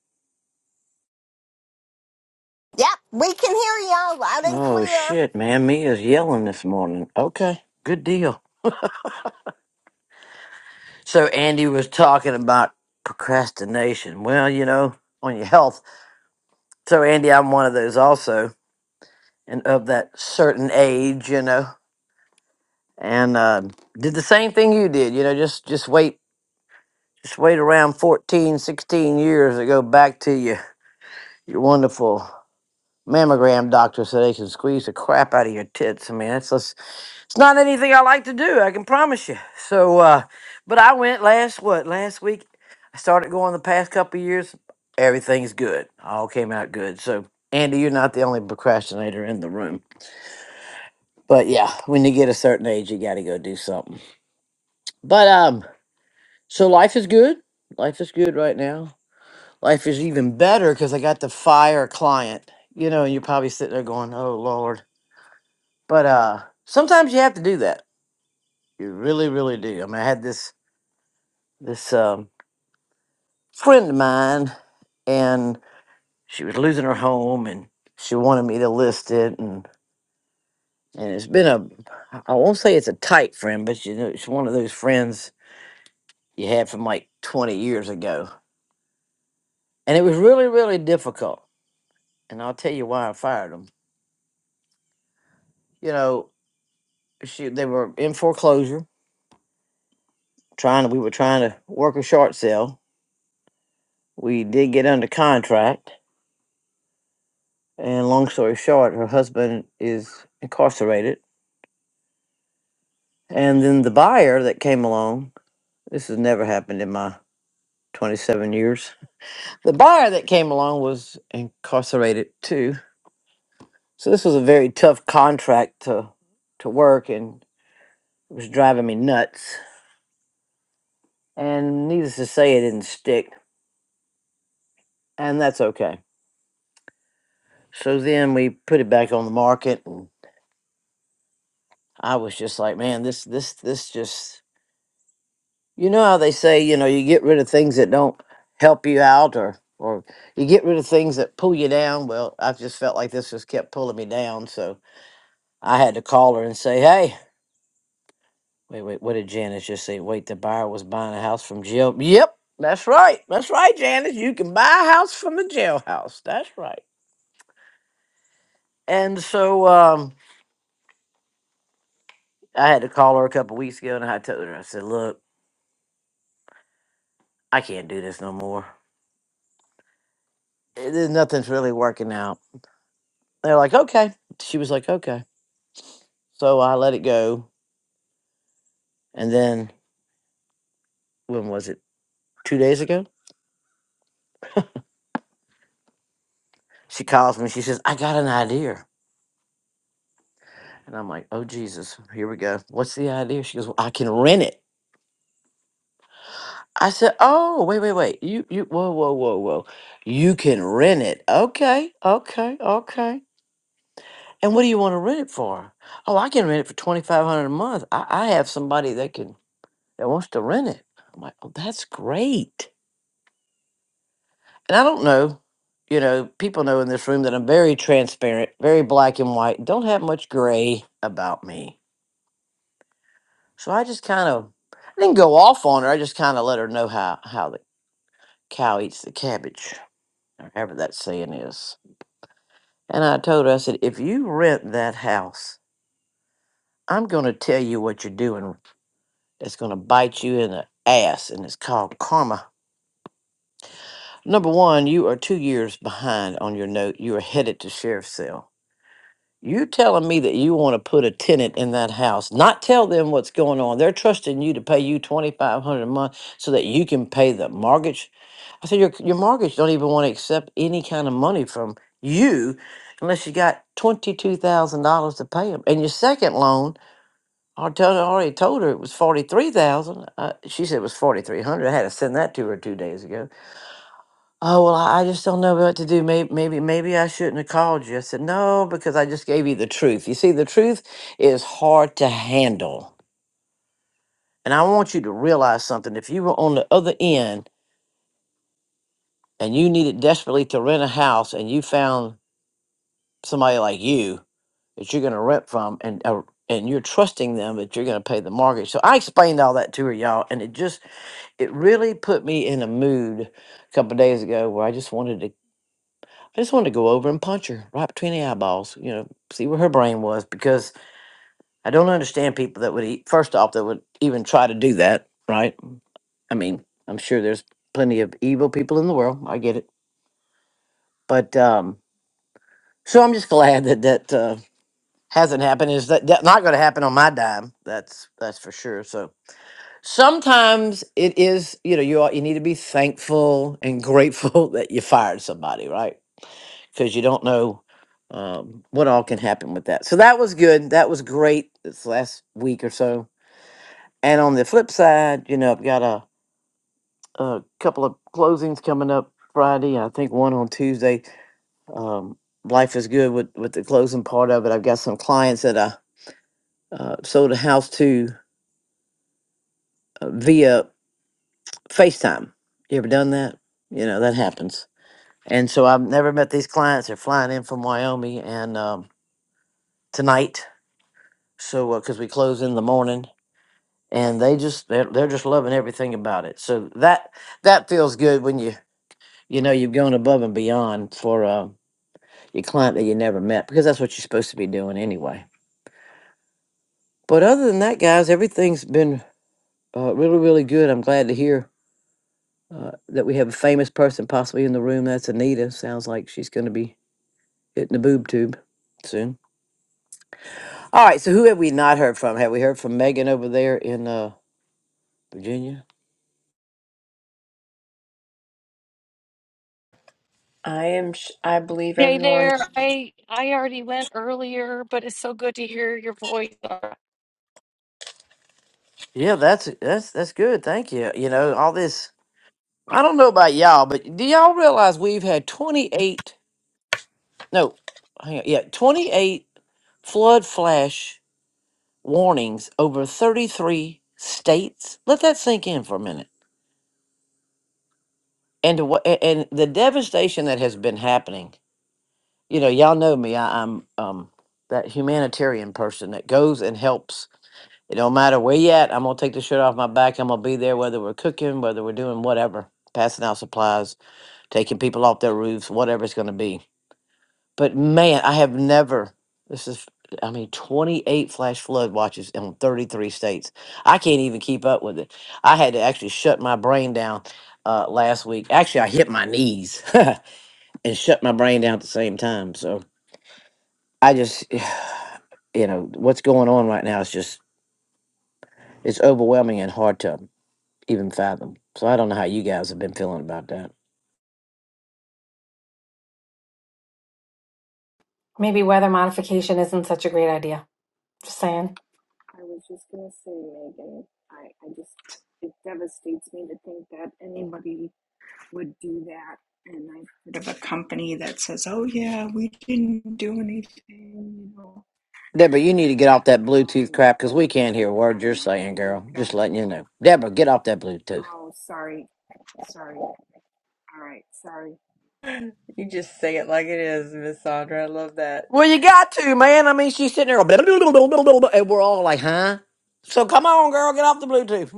E: Yep, we can hear you loud and
R: Oh
E: clear.
R: shit, man, Mia's yelling this morning. Okay, good deal. So Andy was talking about procrastination. Well, you know, on your health. So Andy, I'm one of those also, and of that certain age, you know, and uh, did the same thing you did. You know, just just wait, just wait around 14, 16 years to go back to your your wonderful mammogram doctor so they can squeeze the crap out of your tits. I mean, that's It's not anything I like to do, I can promise you. So, uh, but I went last, what, last week? I started going the past couple of years. Everything's good. All came out good. So, Andy, you're not the only procrastinator in the room. But yeah, when you get a certain age, you got to go do something. But, um, so life is good. Life is good right now. Life is even better because I got to fire a client, you know, and you're probably sitting there going, oh, Lord. But, uh, sometimes you have to do that. You really, really do. I mean, I had this, this, um, friend of mine and she was losing her home and she wanted me to list it and and it's been a I won't say it's a tight friend, but you know it's one of those friends you had from like twenty years ago. And it was really, really difficult. And I'll tell you why I fired them. You know, she they were in foreclosure, trying to we were trying to work a short sale. We did get under contract and long story short, her husband is incarcerated. And then the buyer that came along This has never happened in my 27 years. The buyer that came along was incarcerated too. So this was a very tough contract to to work and it was driving me nuts. And needless to say it didn't stick and that's okay. So then we put it back on the market and I was just like, man, this this this just you know how they say, you know, you get rid of things that don't help you out or or you get rid of things that pull you down. Well, I just felt like this just kept pulling me down. So I had to call her and say, "Hey, wait, wait, what did Janice just say? Wait, the buyer was buying a house from jail. Yep, that's right, that's right, Janice. You can buy a house from the jailhouse. That's right." And so um, I had to call her a couple weeks ago, and I told her, I said, "Look, I can't do this no more. Eh, There's nothing's really working out." They're like, "Okay." She was like, "Okay." So I let it go, and then when was it? Two days ago, she calls me. She says, "I got an idea." And I'm like, oh, Jesus, here we go. What's the idea? She goes, well, I can rent it. I said, oh, wait, wait, wait. You, you, whoa, whoa, whoa, whoa. You can rent it. Okay, okay, okay. And what do you want to rent it for? Oh, I can rent it for 2500 a month. I, I have somebody that can, that wants to rent it. I'm like, oh, that's great. And I don't know, you know, people know in this room that I'm very transparent, very black and white, don't have much gray about me. So I just kind of I didn't go off on her. I just kind of let her know how how the cow eats the cabbage, or however that saying is. And I told her, I said, if you rent that house, I'm going to tell you what you're doing that's going to bite you in the ass, and it's called karma. Number one, you are two years behind on your note. You are headed to sheriff's cell. You telling me that you want to put a tenant in that house, not tell them what's going on. They're trusting you to pay you twenty five hundred a month so that you can pay the mortgage I said, your, your mortgage don't even want to accept any kind of money from you unless you got $22,000 to pay them. And your second loan, I told, I already told her it was 43000 uh, She said it was 4300 I had to send that to her two days ago. Oh, well, I, I just don't know what to do. Maybe, maybe, maybe I shouldn't have called you. I said, no, because I just gave you the truth. You see, the truth is hard to handle. And I want you to realize something. If you were on the other end and you needed desperately to rent a house and you found somebody like you that you're going to rent from and uh, and you're trusting them that you're going to pay the mortgage. So I explained all that to her, y'all, and it just it really put me in a mood a couple of days ago where I just wanted to I just wanted to go over and punch her right between the eyeballs, you know, see where her brain was because I don't understand people that would eat first off that would even try to do that, right? I mean, I'm sure there's plenty of evil people in the world. I get it. But um so I'm just glad that that uh, hasn't happened is that that not going to happen on my dime. That's that's for sure. So sometimes it is, you know, you are, you need to be thankful and grateful that you fired somebody, right? Because you don't know um, what all can happen with that. So that was good. That was great. This last week or so. And on the flip side, you know, I've got a, a couple of closings coming up Friday. I think one on Tuesday. Um, life is good with with the closing part of it. I've got some clients that I uh, sold a house to uh, via FaceTime. You ever done that? You know, that happens. And so I've never met these clients. They're flying in from Wyoming and um, tonight. So, because we close in the morning and they just, they're, they're just loving everything about it. So that, that feels good when you, you know, you've gone above and beyond for uh, your client that you never met because that's what you're supposed to be doing anyway. But other than that, guys, everything's been uh, really, really good. I'm glad to hear uh, that we have a famous person possibly in the room. That's Anita. Sounds like she's going to be hitting the boob tube soon. All right. So who have we not heard from? Have we heard from Megan over there in uh, Virginia?
A: I am. sh- I believe
H: Hey
A: everyone.
H: there. I I already went earlier, but it's so good to hear your voice.
R: Yeah, that's that's that's good. Thank you. You know all this. I don't know about y'all, but do y'all realize we've had twenty eight? No, hang on. Yeah, twenty eight flood flash warnings over thirty three states. Let that sink in for a minute. And to, wha- a- and the devastation that has been happening you know, y'all know me. I, I'm um that humanitarian person that goes and helps. It don't matter where you at. I'm gonna take the shirt off my back. I'm gonna be there whether we're cooking, whether we're doing whatever, passing out supplies, taking people off their roofs, whatever it's gonna be. But man, I have never. This is, I mean, 28 flash flood watches in 33 states. I can't even keep up with it. I had to actually shut my brain down uh, last week. Actually, I hit my knees and shut my brain down at the same time. So I just you know what's going on right now is just it's overwhelming and hard to even fathom. So I don't know how you guys have been feeling about that.
O: Maybe weather modification isn't such a great idea. Just saying.
L: I was just gonna say, Megan, I, I just it devastates me to think that anybody would do that. And I've heard of a company that says, "Oh yeah, we didn't do anything," you know.
R: Deborah, you need to get off that Bluetooth
L: Um,
R: crap because
L: but
R: we can't hear a
L: I
R: word you're
L: don't know. I
R: saying,
L: think.
R: girl.
L: Uh,
R: Just letting you know. Deborah, get off that Bluetooth.
L: oh, sorry, sorry. All right, sorry.
A: You just say it like it is, Miss Sandra. I love that.
R: Well, you got to, man. I mean, she's sitting there, all and we're all like, huh? So come on, girl, get off the Bluetooth.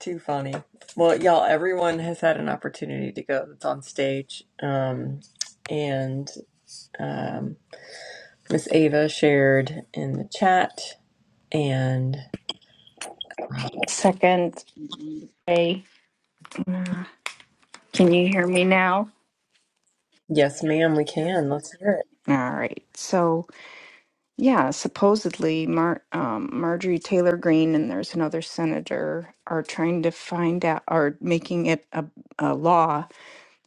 A: Too funny. Well, y'all, everyone has had an opportunity to go that's on stage. Um, and um, Miss Ava shared in the chat. And uh,
L: Second. Mhm. Hey, uh, can you hear me now? Ma'am,
A: yes,
L: we
A: ma'am, we
L: can.
A: can. Let's hear it.
L: All right. So. Yeah, supposedly Mar um, Marjorie Taylor Greene and there's another senator are trying to find out, are making it a, a law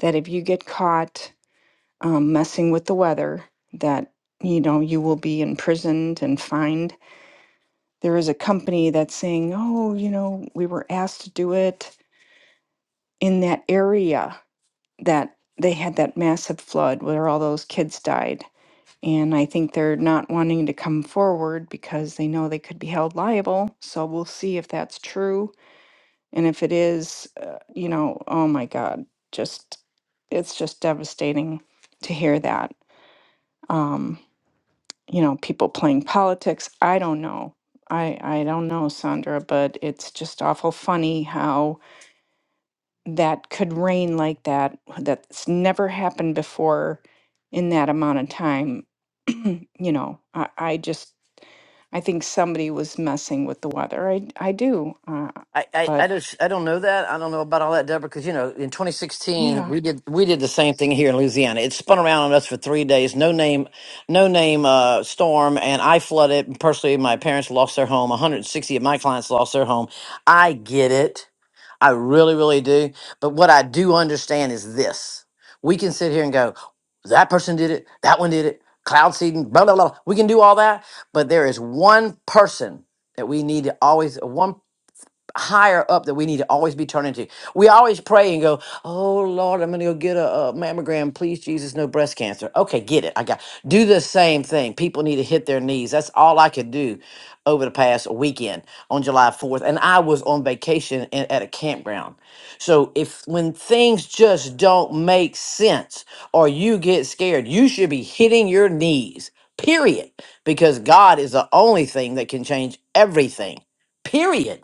L: that if you get caught um, messing with the weather, that you know you will be imprisoned and fined. There is a company that's saying, "Oh, you know, we were asked to do it in that area that they had that massive flood where all those kids died." And I think they're not wanting to come forward because they know they could be held liable. So we'll see if that's true. And if it is, uh, you know, oh my God, just, it's just devastating to hear that. Um, you know, people playing politics. I don't know. I, I don't know, Sandra, but it's just awful funny how that could rain like that that's never happened before in that amount of time you know I, I just i think somebody was messing with the weather i i do uh,
R: I, I, I
L: but
R: just I don't know that I don't know about all that Deborah because you know in 2016
L: yeah
R: we did we did the same thing here in Louisiana it spun around on us for three days no name no name uh, storm and I flooded personally my parents lost their home 160 of my clients lost their home I get it I really really do but what I do understand is this we can sit here and go that person did it that one did it cloud seeding blah blah blah we can do all that but there is one person that we need to always 1% higher up that we need to always be turning to. We always pray and go, "Oh Lord, I'm going to go get a, a mammogram, please Jesus, no breast cancer." Okay, get it. I got. Do the same thing. People need to hit their knees. That's all I could do over the past weekend on July 4th, and I was on vacation in, at a campground. So if when things just don't make sense or you get scared, you should be hitting your knees. Period. Because God is the only thing that can change everything. Period.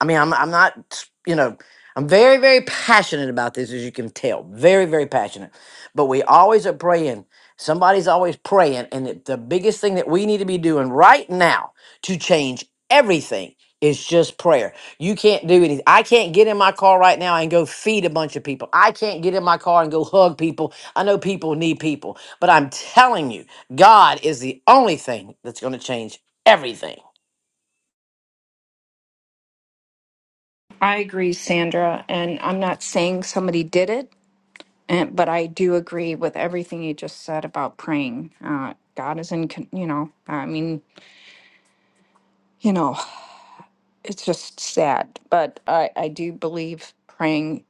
R: I mean, I'm I'm not, you know, I'm very very passionate about this, as you can tell, very very passionate. But we always are praying. Somebody's always praying, and it, the biggest thing that we need to be doing right now to change everything is just prayer. You can't do anything. I can't get in my car right now and go feed a bunch of people. I can't get in my car and go hug people. I know people need people, but I'm telling you, God is the only thing that's going to change everything.
L: i agree sandra and i'm not saying somebody did it and, but i do agree with everything you just said about praying uh, god is in con- you know i mean you know it's just sad but i i do believe praying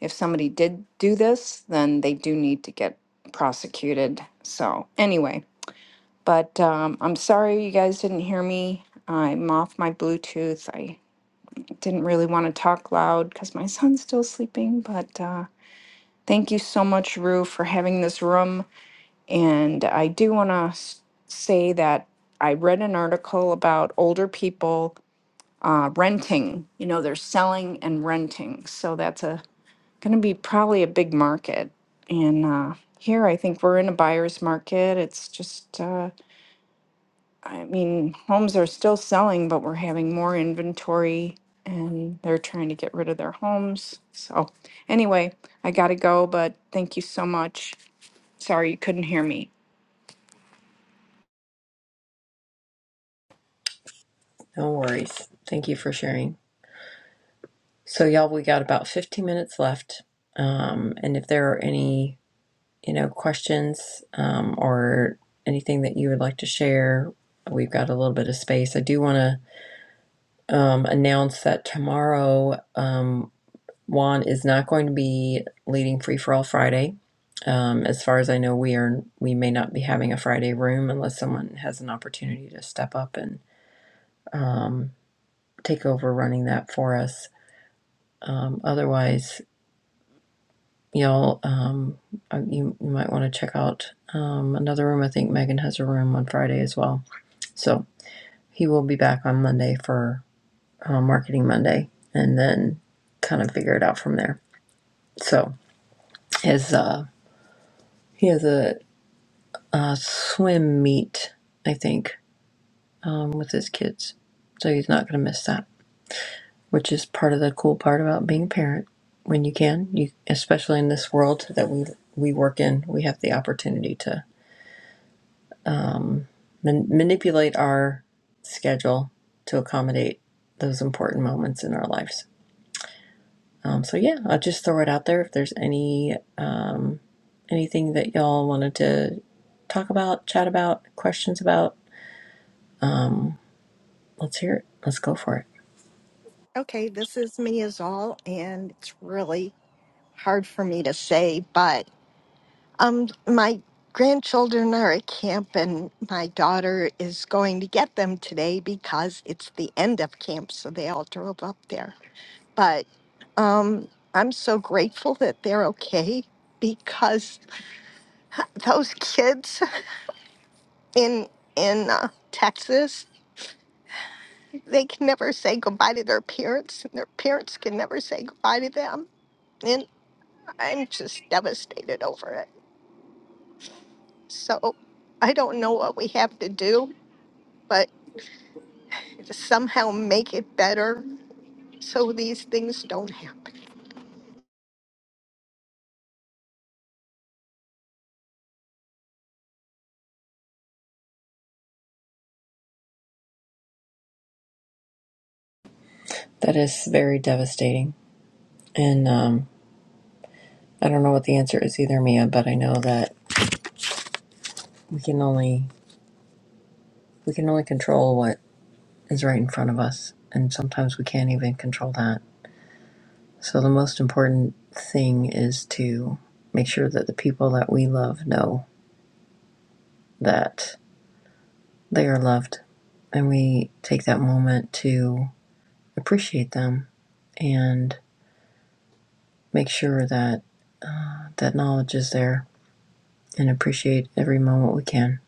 L: if somebody did do this, then they do need to get prosecuted. So, anyway, but um, I'm sorry you guys didn't hear me. I'm off my Bluetooth. I didn't really want to talk loud because my son's still sleeping, but uh, thank you so much, Rue, for having this room. And I do want to say that I read an article about older people uh, renting. You know, they're selling and renting. So, that's a going to be probably a big market. And uh, here, I think we're in a buyer's market. It's just, uh, I mean, homes are still selling, but we're having more inventory and they're trying to get rid of their homes. So, anyway, I got to go, but thank you so much. Sorry you couldn't hear me.
A: No worries. Thank you for sharing. So, y'all, we got about 15 minutes left. Um, and if there are any you know, questions um, or anything that you would like to share, we've got a little bit of space. I do want to um, announce that tomorrow um, Juan is not going to be leading Free for All Friday. Um, as far as I know, we are we may not be having a Friday room unless someone has an opportunity to step up and um, take over running that for us. Um, otherwise, y'all um uh, you, you might want to check out um another room i think megan has a room on friday as well so he will be back on monday for uh, marketing monday and then kind of figure it out from there so his uh he has a, uh swim meet i think um with his kids so he's not going to miss that which is part of the cool part about being a parent when you can you especially in this world that we we work in we have the opportunity to. man- manipulate our schedule to accommodate those important moments in our lives. Um, so yeah, I'll just throw it out there. If there's any um, anything that y'all wanted to talk about, chat about, questions about, um, let's hear it. Let's go for it.
E: Okay, this is me as all, and it's really hard for me to say, but Um, my grandchildren are at camp, and my daughter is going to get them today because it's the end of camp, so they all drove up there. But um, I'm so grateful that they're okay because those kids in in uh, Texas they can never say goodbye to their parents, and their parents can never say goodbye to them, and I'm just devastated over it. So I don't know what we have to do, to somehow make it better so these things don't happen.
A: That is very devastating, and um, I don't know what the answer is either, Mia. But I know that we can only we can only control what is right in front of us, and sometimes we can't even control that. So the most important thing is to make sure that the people that we love know that they are loved and we take that moment to appreciate them and make sure that that knowledge is there and appreciate every moment we can.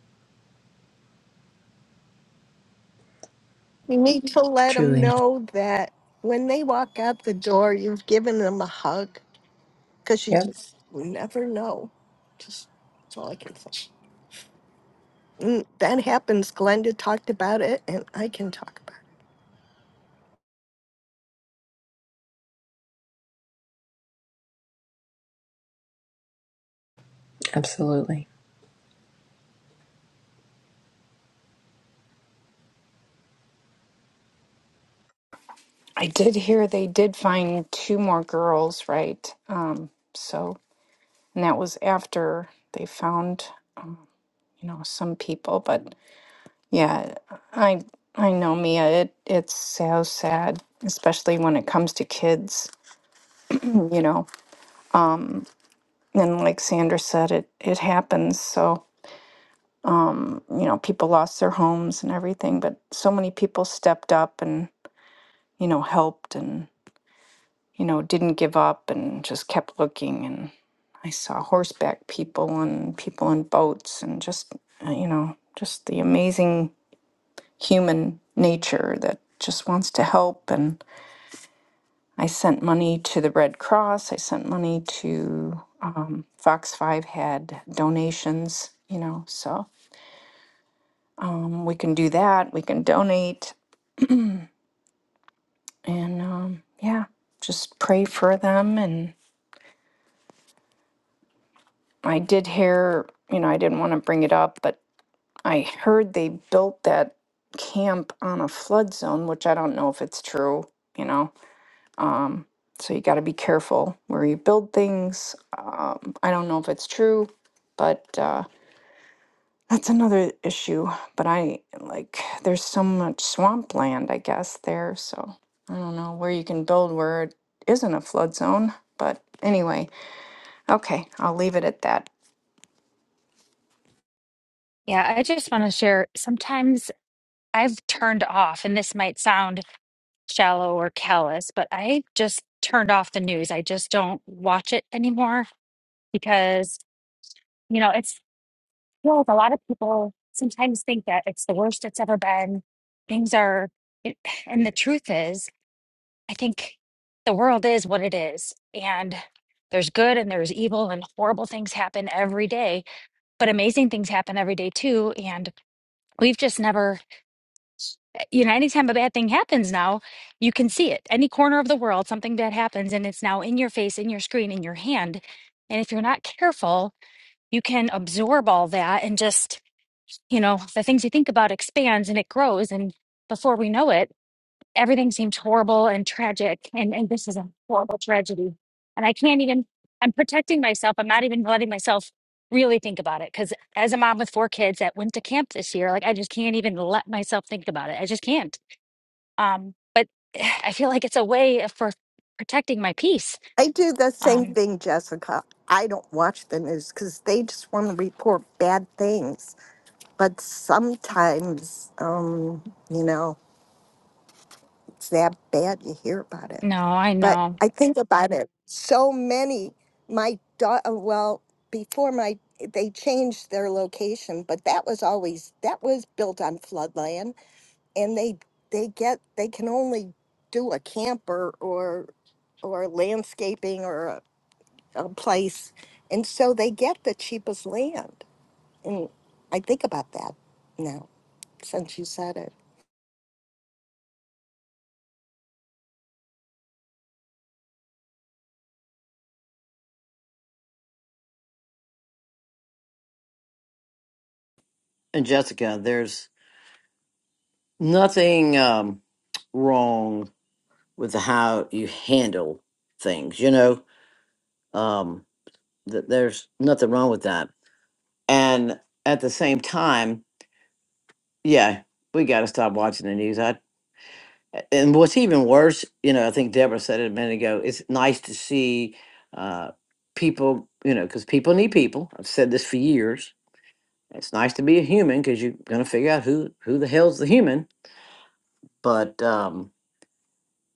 E: You need to let them
A: Truly.
E: know that when they walk out the door, you've given them a hug because you
A: Yep,
E: just never know. Just that's all I can say. Mm, That happens. Glenda talked about it, and I can talk about it.
A: absolutely.
L: I did hear they did find two more girls, right? Um, so, and that was after they found, um, you know, some people, but Yeah, I I know Mia. It it's so sad, especially when it comes to kids, you know. Mm, And like Sandra said, it it happens. So, um, you know, people lost their homes and everything, but so many people stepped up and, you know, helped and, you know, didn't give up and just kept looking and I saw horseback people and people in boats and just, uh, you know, just the amazing human nature that just wants to help I sent money to the Red Cross. I sent money to um, Fox 5 had donations, you know, so um, we can do that. We can donate and um, yeah, just pray for them. And I did hear, you know, I didn't want to bring it up, but I heard they built that camp on a flood zone, which I don't know if it's true, you know. Um, so you got to be careful where you build things. Um, I don't know if it's true, but. Uh, That's another issue, but I like there's so much swampland, I guess, there. So I don't know where you can build where it isn't a flood zone. But anyway, okay, I'll leave it at that.
I: Yeah, I just want to share. Sometimes I've turned off, and this might sound shallow or callous, but I just turned off the news. I just don't watch it anymore because you know it's well, a lot of people sometimes think that it's the worst it's ever been. Things are, it, and the truth is. I think the world is what it is, and there's good and there's evil, and horrible things happen every day, but amazing things happen every day too. And we've just never, you know, anytime a bad thing happens now, you can see it. Any corner of the world, something bad happens, and it's now in your face, in your screen, in your hand. And if you're not careful, you can absorb all that and just, you know, the things you think about expands and it grows. And before we know it, everything seemed horrible and tragic and, and this is a horrible tragedy and i can't even i'm protecting myself i'm not even letting myself really think about it because as a mom with four kids that went to camp this year like i just can't even let myself think about it i just can't um but i feel like it's a way for protecting my peace
E: I do the same
I: um
E: thing, Jessica. I don't watch the news because they just want to report bad things. But sometimes, um, you know. it's that bad you hear about it
I: no i
E: but
I: know
E: i think about it so many my daughter well before my they changed their location but that was always that was built on floodland and they they get they can only do a camper or or landscaping or a, a place and so they get the cheapest land and i think about that now since you said it
R: And Jessica, there's nothing um, wrong with how you handle things. You know, um, th- there's nothing wrong with that. And at the same time, yeah, we got to stop watching the news. I, and what's even worse, you know, I think Deborah said it a minute ago. It's nice to see uh, people, you know, because people need people. I've said this for years. It's nice to be a human because you're gonna figure out who who the hell's the human. But um,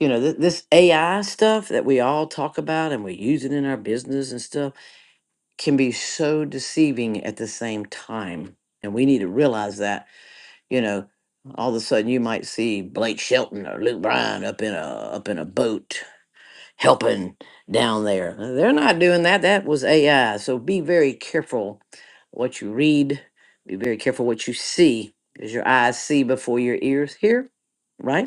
R: you know, th- this AI stuff that we all talk about and we use it in our business and stuff can be so deceiving at the same time. And we need to realize that, you know, all of a sudden you might see Blake Shelton or Luke Bryan up in a up in a boat helping down there. Uh, They're not doing that. That was AI. So be very careful what you read. Be very careful what you see, because your eyes see before your ears hear, right?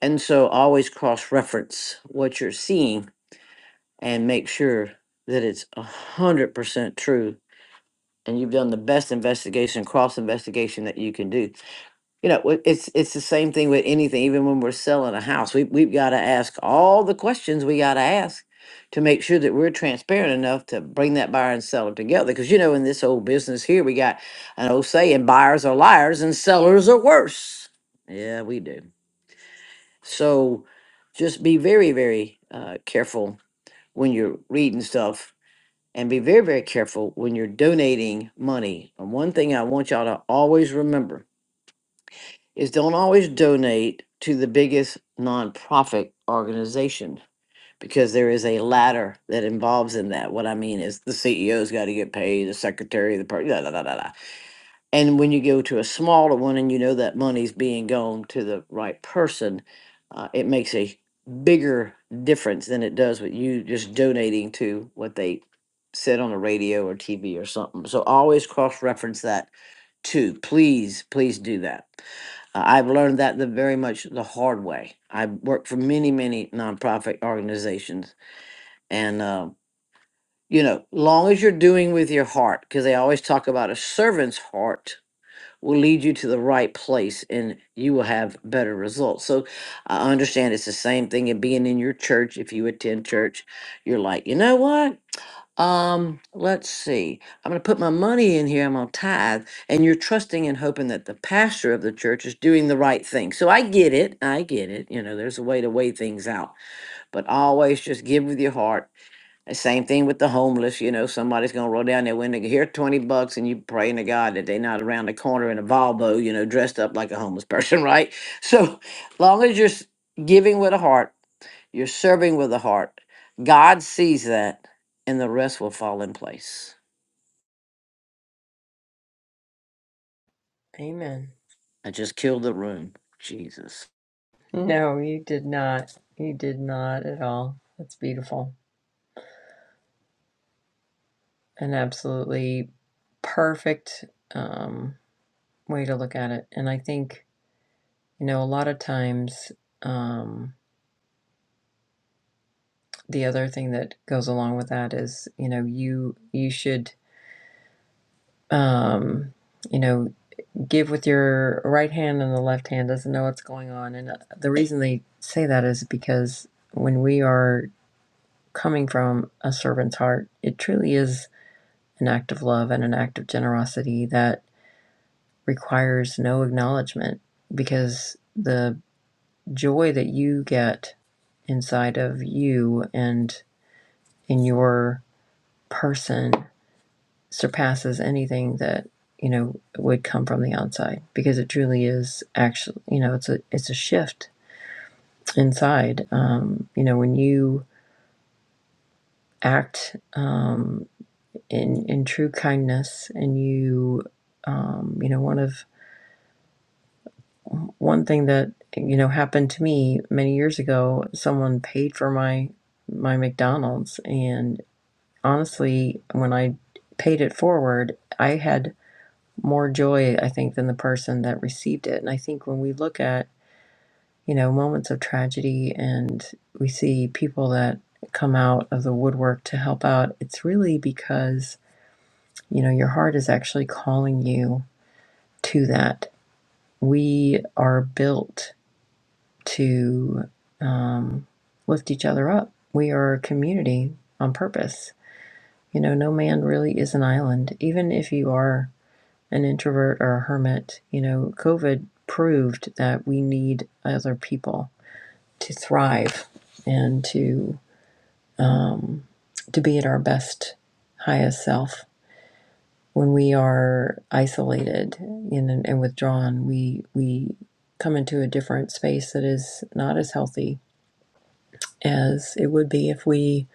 R: And so always cross reference what you're seeing and make sure that it's 100% true and you've done the best investigation cross investigation that you can do. You know, wh- it's it's the same thing with anything even when we're selling a house. We we've got to ask all the questions we got to ask to make sure that we're transparent enough to bring that buyer and seller together because you know in this old business here we got an old saying buyers are liars and sellers are worse. Yeah, we do. So just be very, very uh, careful when you're reading stuff and be very, very careful when you're donating money. And one thing I want y'all to always remember is don't always donate to the biggest nonprofit organization because there is a ladder that involves in that. What I mean is the CEO's got to get paid, the secretary, the person, and when you go to a smaller one and you know that money's being gone to the right person, uh, it makes a bigger difference than it does with you just donating to what they said on the radio or TV or something. So always cross reference that too. Please, please do that. Uh, I've learned that the very much the hard way. I've worked for many, many nonprofit organizations and, um, you know, long as you're doing with your heart, because they always talk about a servant's heart will lead you to the right place and you will have better results. So I understand it's the same thing in being in your church. If you attend church, you're like, you know what? Um, let's see. I'm gonna put my money in here, I'm gonna tithe, and you're trusting and hoping that the pastor of the church is doing the right thing. So I get it, I get it. You know, there's a way to weigh things out, but always just give with your heart and Same thing with the homeless. You know, somebody's gonna roll down their window. Here, twenty bucks, and you praying to God that they're not around the corner in a Volvo. You know, dressed up like a homeless person, right? So, long as you're s- giving with a heart, you're serving with a heart. God sees that, and the rest will fall in place.
A: Amen.
R: I just killed the room. Jesus.
A: No, you did not. You did not at all. That's beautiful. An absolutely perfect um, way to look at it. And I think You know, a lot of times, um, the other thing that goes along with that is, you know, you you should, um, you know, give with your right hand and the left hand doesn't know what's going on. And uh, the reason they say that is because when we are coming from a servant's heart, it truly is an act of love and an act of generosity that requires no acknowledgement because the joy that you get inside of you and in your person surpasses anything that you know would come from the outside because it truly is actually you know it's a it's a shift inside um you know when you act um in in true kindness and you um you know one of one thing that you know happened to me many years ago someone paid for my my McDonald's and honestly when I paid it forward I had more joy, I think, than the person that received it. And I think when we look at, you know, moments of tragedy and we see people that come out of the woodwork to help out, it's really because, you know, your heart is actually calling you to that. We are built to um, lift each other up, we are a community on purpose. You know, no man really is an island, even if you are. an introvert or a hermit. You know, COVID proved that we need other people to thrive and to um, to be at our best, highest self. When we are isolated and, and withdrawn, we we come into a different space that is not as healthy as it would be if we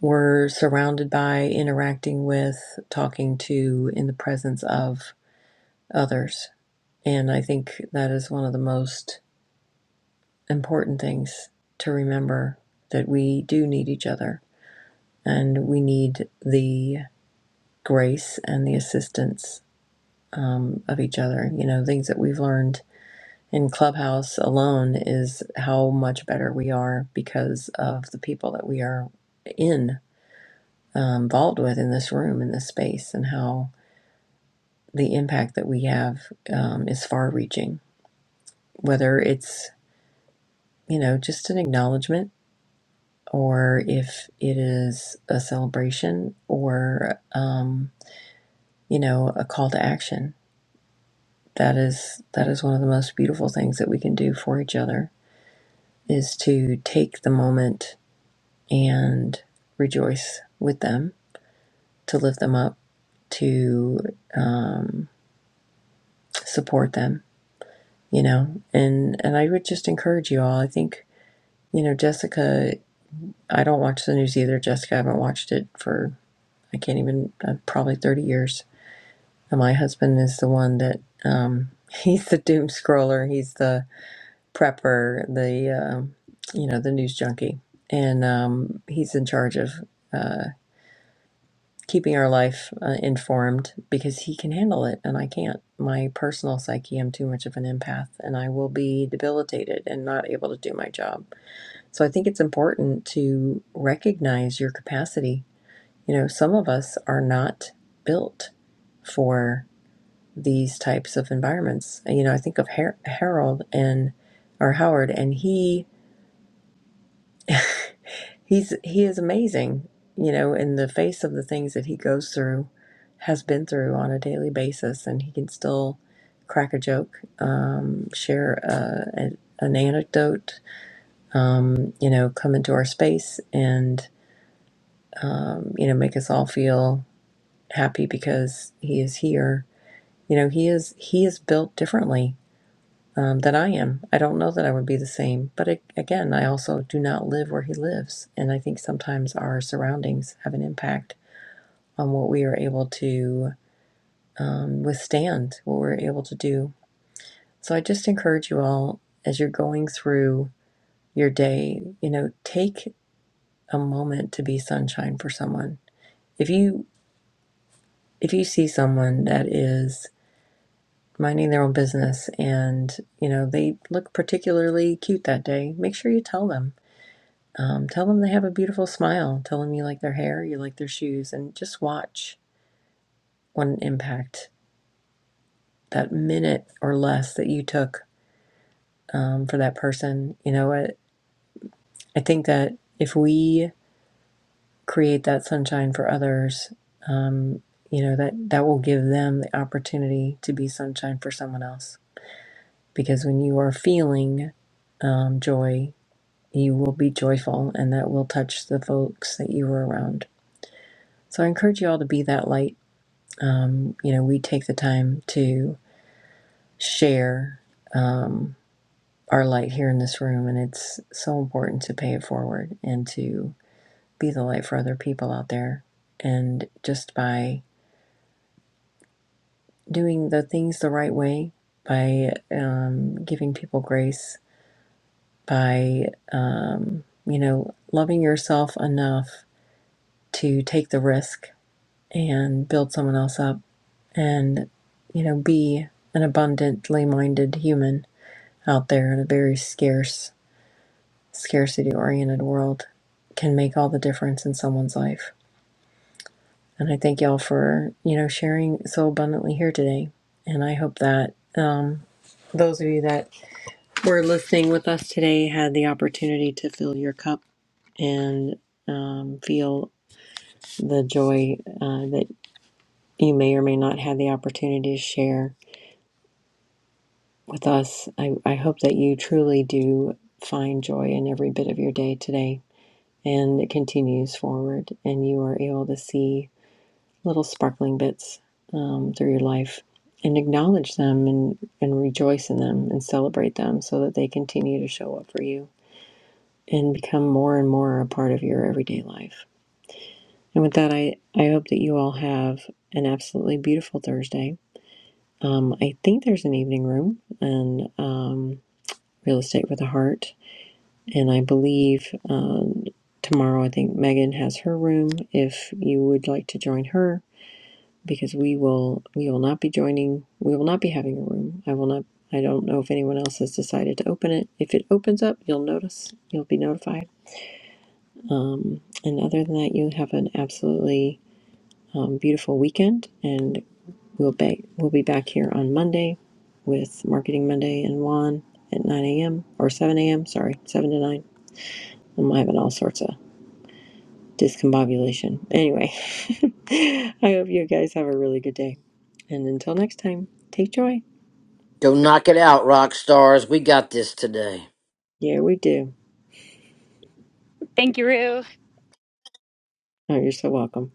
A: were surrounded by, interacting with, talking to, in the presence of others. And I think that is one of the most important things to remember that we do need each other and we need the grace and the assistance um, of each other. You know, things that we've learned in Clubhouse alone is how much better we are because of the people that we are in, um, involved with in this room, in this space, and how the impact that we have um, is far reaching. Whether it's, you know, just an acknowledgement or if it is a celebration or um, you know a call to action that is that is one of the most beautiful things that we can do for each other is to take the moment and rejoice with them to lift them up to um, support them you know and and i would just encourage you all i think you know jessica i don't watch the news either jessica i haven't watched it for i can't even uh, probably 30 years And my husband is the one that um, he's the doom scroller, he's the prepper, the um you know the news junkie, and um, he's in charge of uh, keeping our life uh, informed because he can handle it and I can't. My personal psyche, I'm too much of an empath, and I will be debilitated and not able to do my job. So I think it's important to recognize your capacity. You know, some of us are not built for these types of environments. you know, I think of Har- Harold and or Howard, and he he's he is amazing. You know, in the face of the things that he goes through, has been through on a daily basis, and he can still crack a joke, um, share a, a, an anecdote, um, you know, come into our space and um, you know make us all feel happy because he is here. You know, he is he is built differently um, than I am. I don't know that I would be the same. But a- again, I also do not live where he lives. And I think sometimes our surroundings have an impact on what we are able to um, withstand, what we're able to do. So I just encourage you all as you're going through your day, you know, take a moment to be sunshine for someone. If you if you see someone that is minding their own business and you know they look particularly cute that day make sure you tell them Um, tell them they have a beautiful smile. Tell them you like their hair, you like their shoes, and just watch what an impact that minute or less that you took um, for that person. You know what? I I think that if we create that sunshine for others, um, you know that that will give them the opportunity to be sunshine for someone else. Because when you are feeling um, joy, you will be joyful, and that will touch the folks that you are around. So I encourage you all to be that light Um, you know, we take the time to share um, our light here in this room, and it's so important to pay it forward and to be the light for other people out there. And just by doing the things the right way, by um, giving people grace, by, um, you know, loving yourself enough to take the risk and build someone else up and, you know, be an abundantly minded human out there in a very scarce, scarcity oriented world can make all the difference in someone's life. And I thank y'all for, you know, sharing so abundantly here today. And I hope that um, those of you that were listening with us today had the opportunity to fill your cup and um, feel the joy uh, that you may or may not have the opportunity to share with us. I, I hope that you truly do find joy in every bit of your day today and it continues forward, and you are able to see little sparkling bits um, through your life and acknowledge them and, and rejoice in them and celebrate them so that they continue to show up for you and become more and more a part of your everyday life. And with that, I, I hope that you all have an absolutely beautiful Thursday. Um, I think there's an evening room and um, real estate with a heart And I believe um, tomorrow, I think Megan has her room. If you would like to join her, because we will, we will not be joining. We will not be having a room. I will not. I don't know if anyone else has decided to open it. If it opens up, you'll notice. You'll be notified. Um, and other than that, you have an absolutely um, beautiful weekend. And we'll be we'll be back here on Monday with Marketing Monday and Juan at 9 a.m. or 7 a.m. Sorry, 7 to 9. I'm having all sorts of discombobulation. Anyway, I hope you guys have a really good day. And until next time, take joy.
R: Go knock it out, rock stars. We got this today.
A: Yeah, we do.
I: thank you ruth
A: Oh, you're so welcome.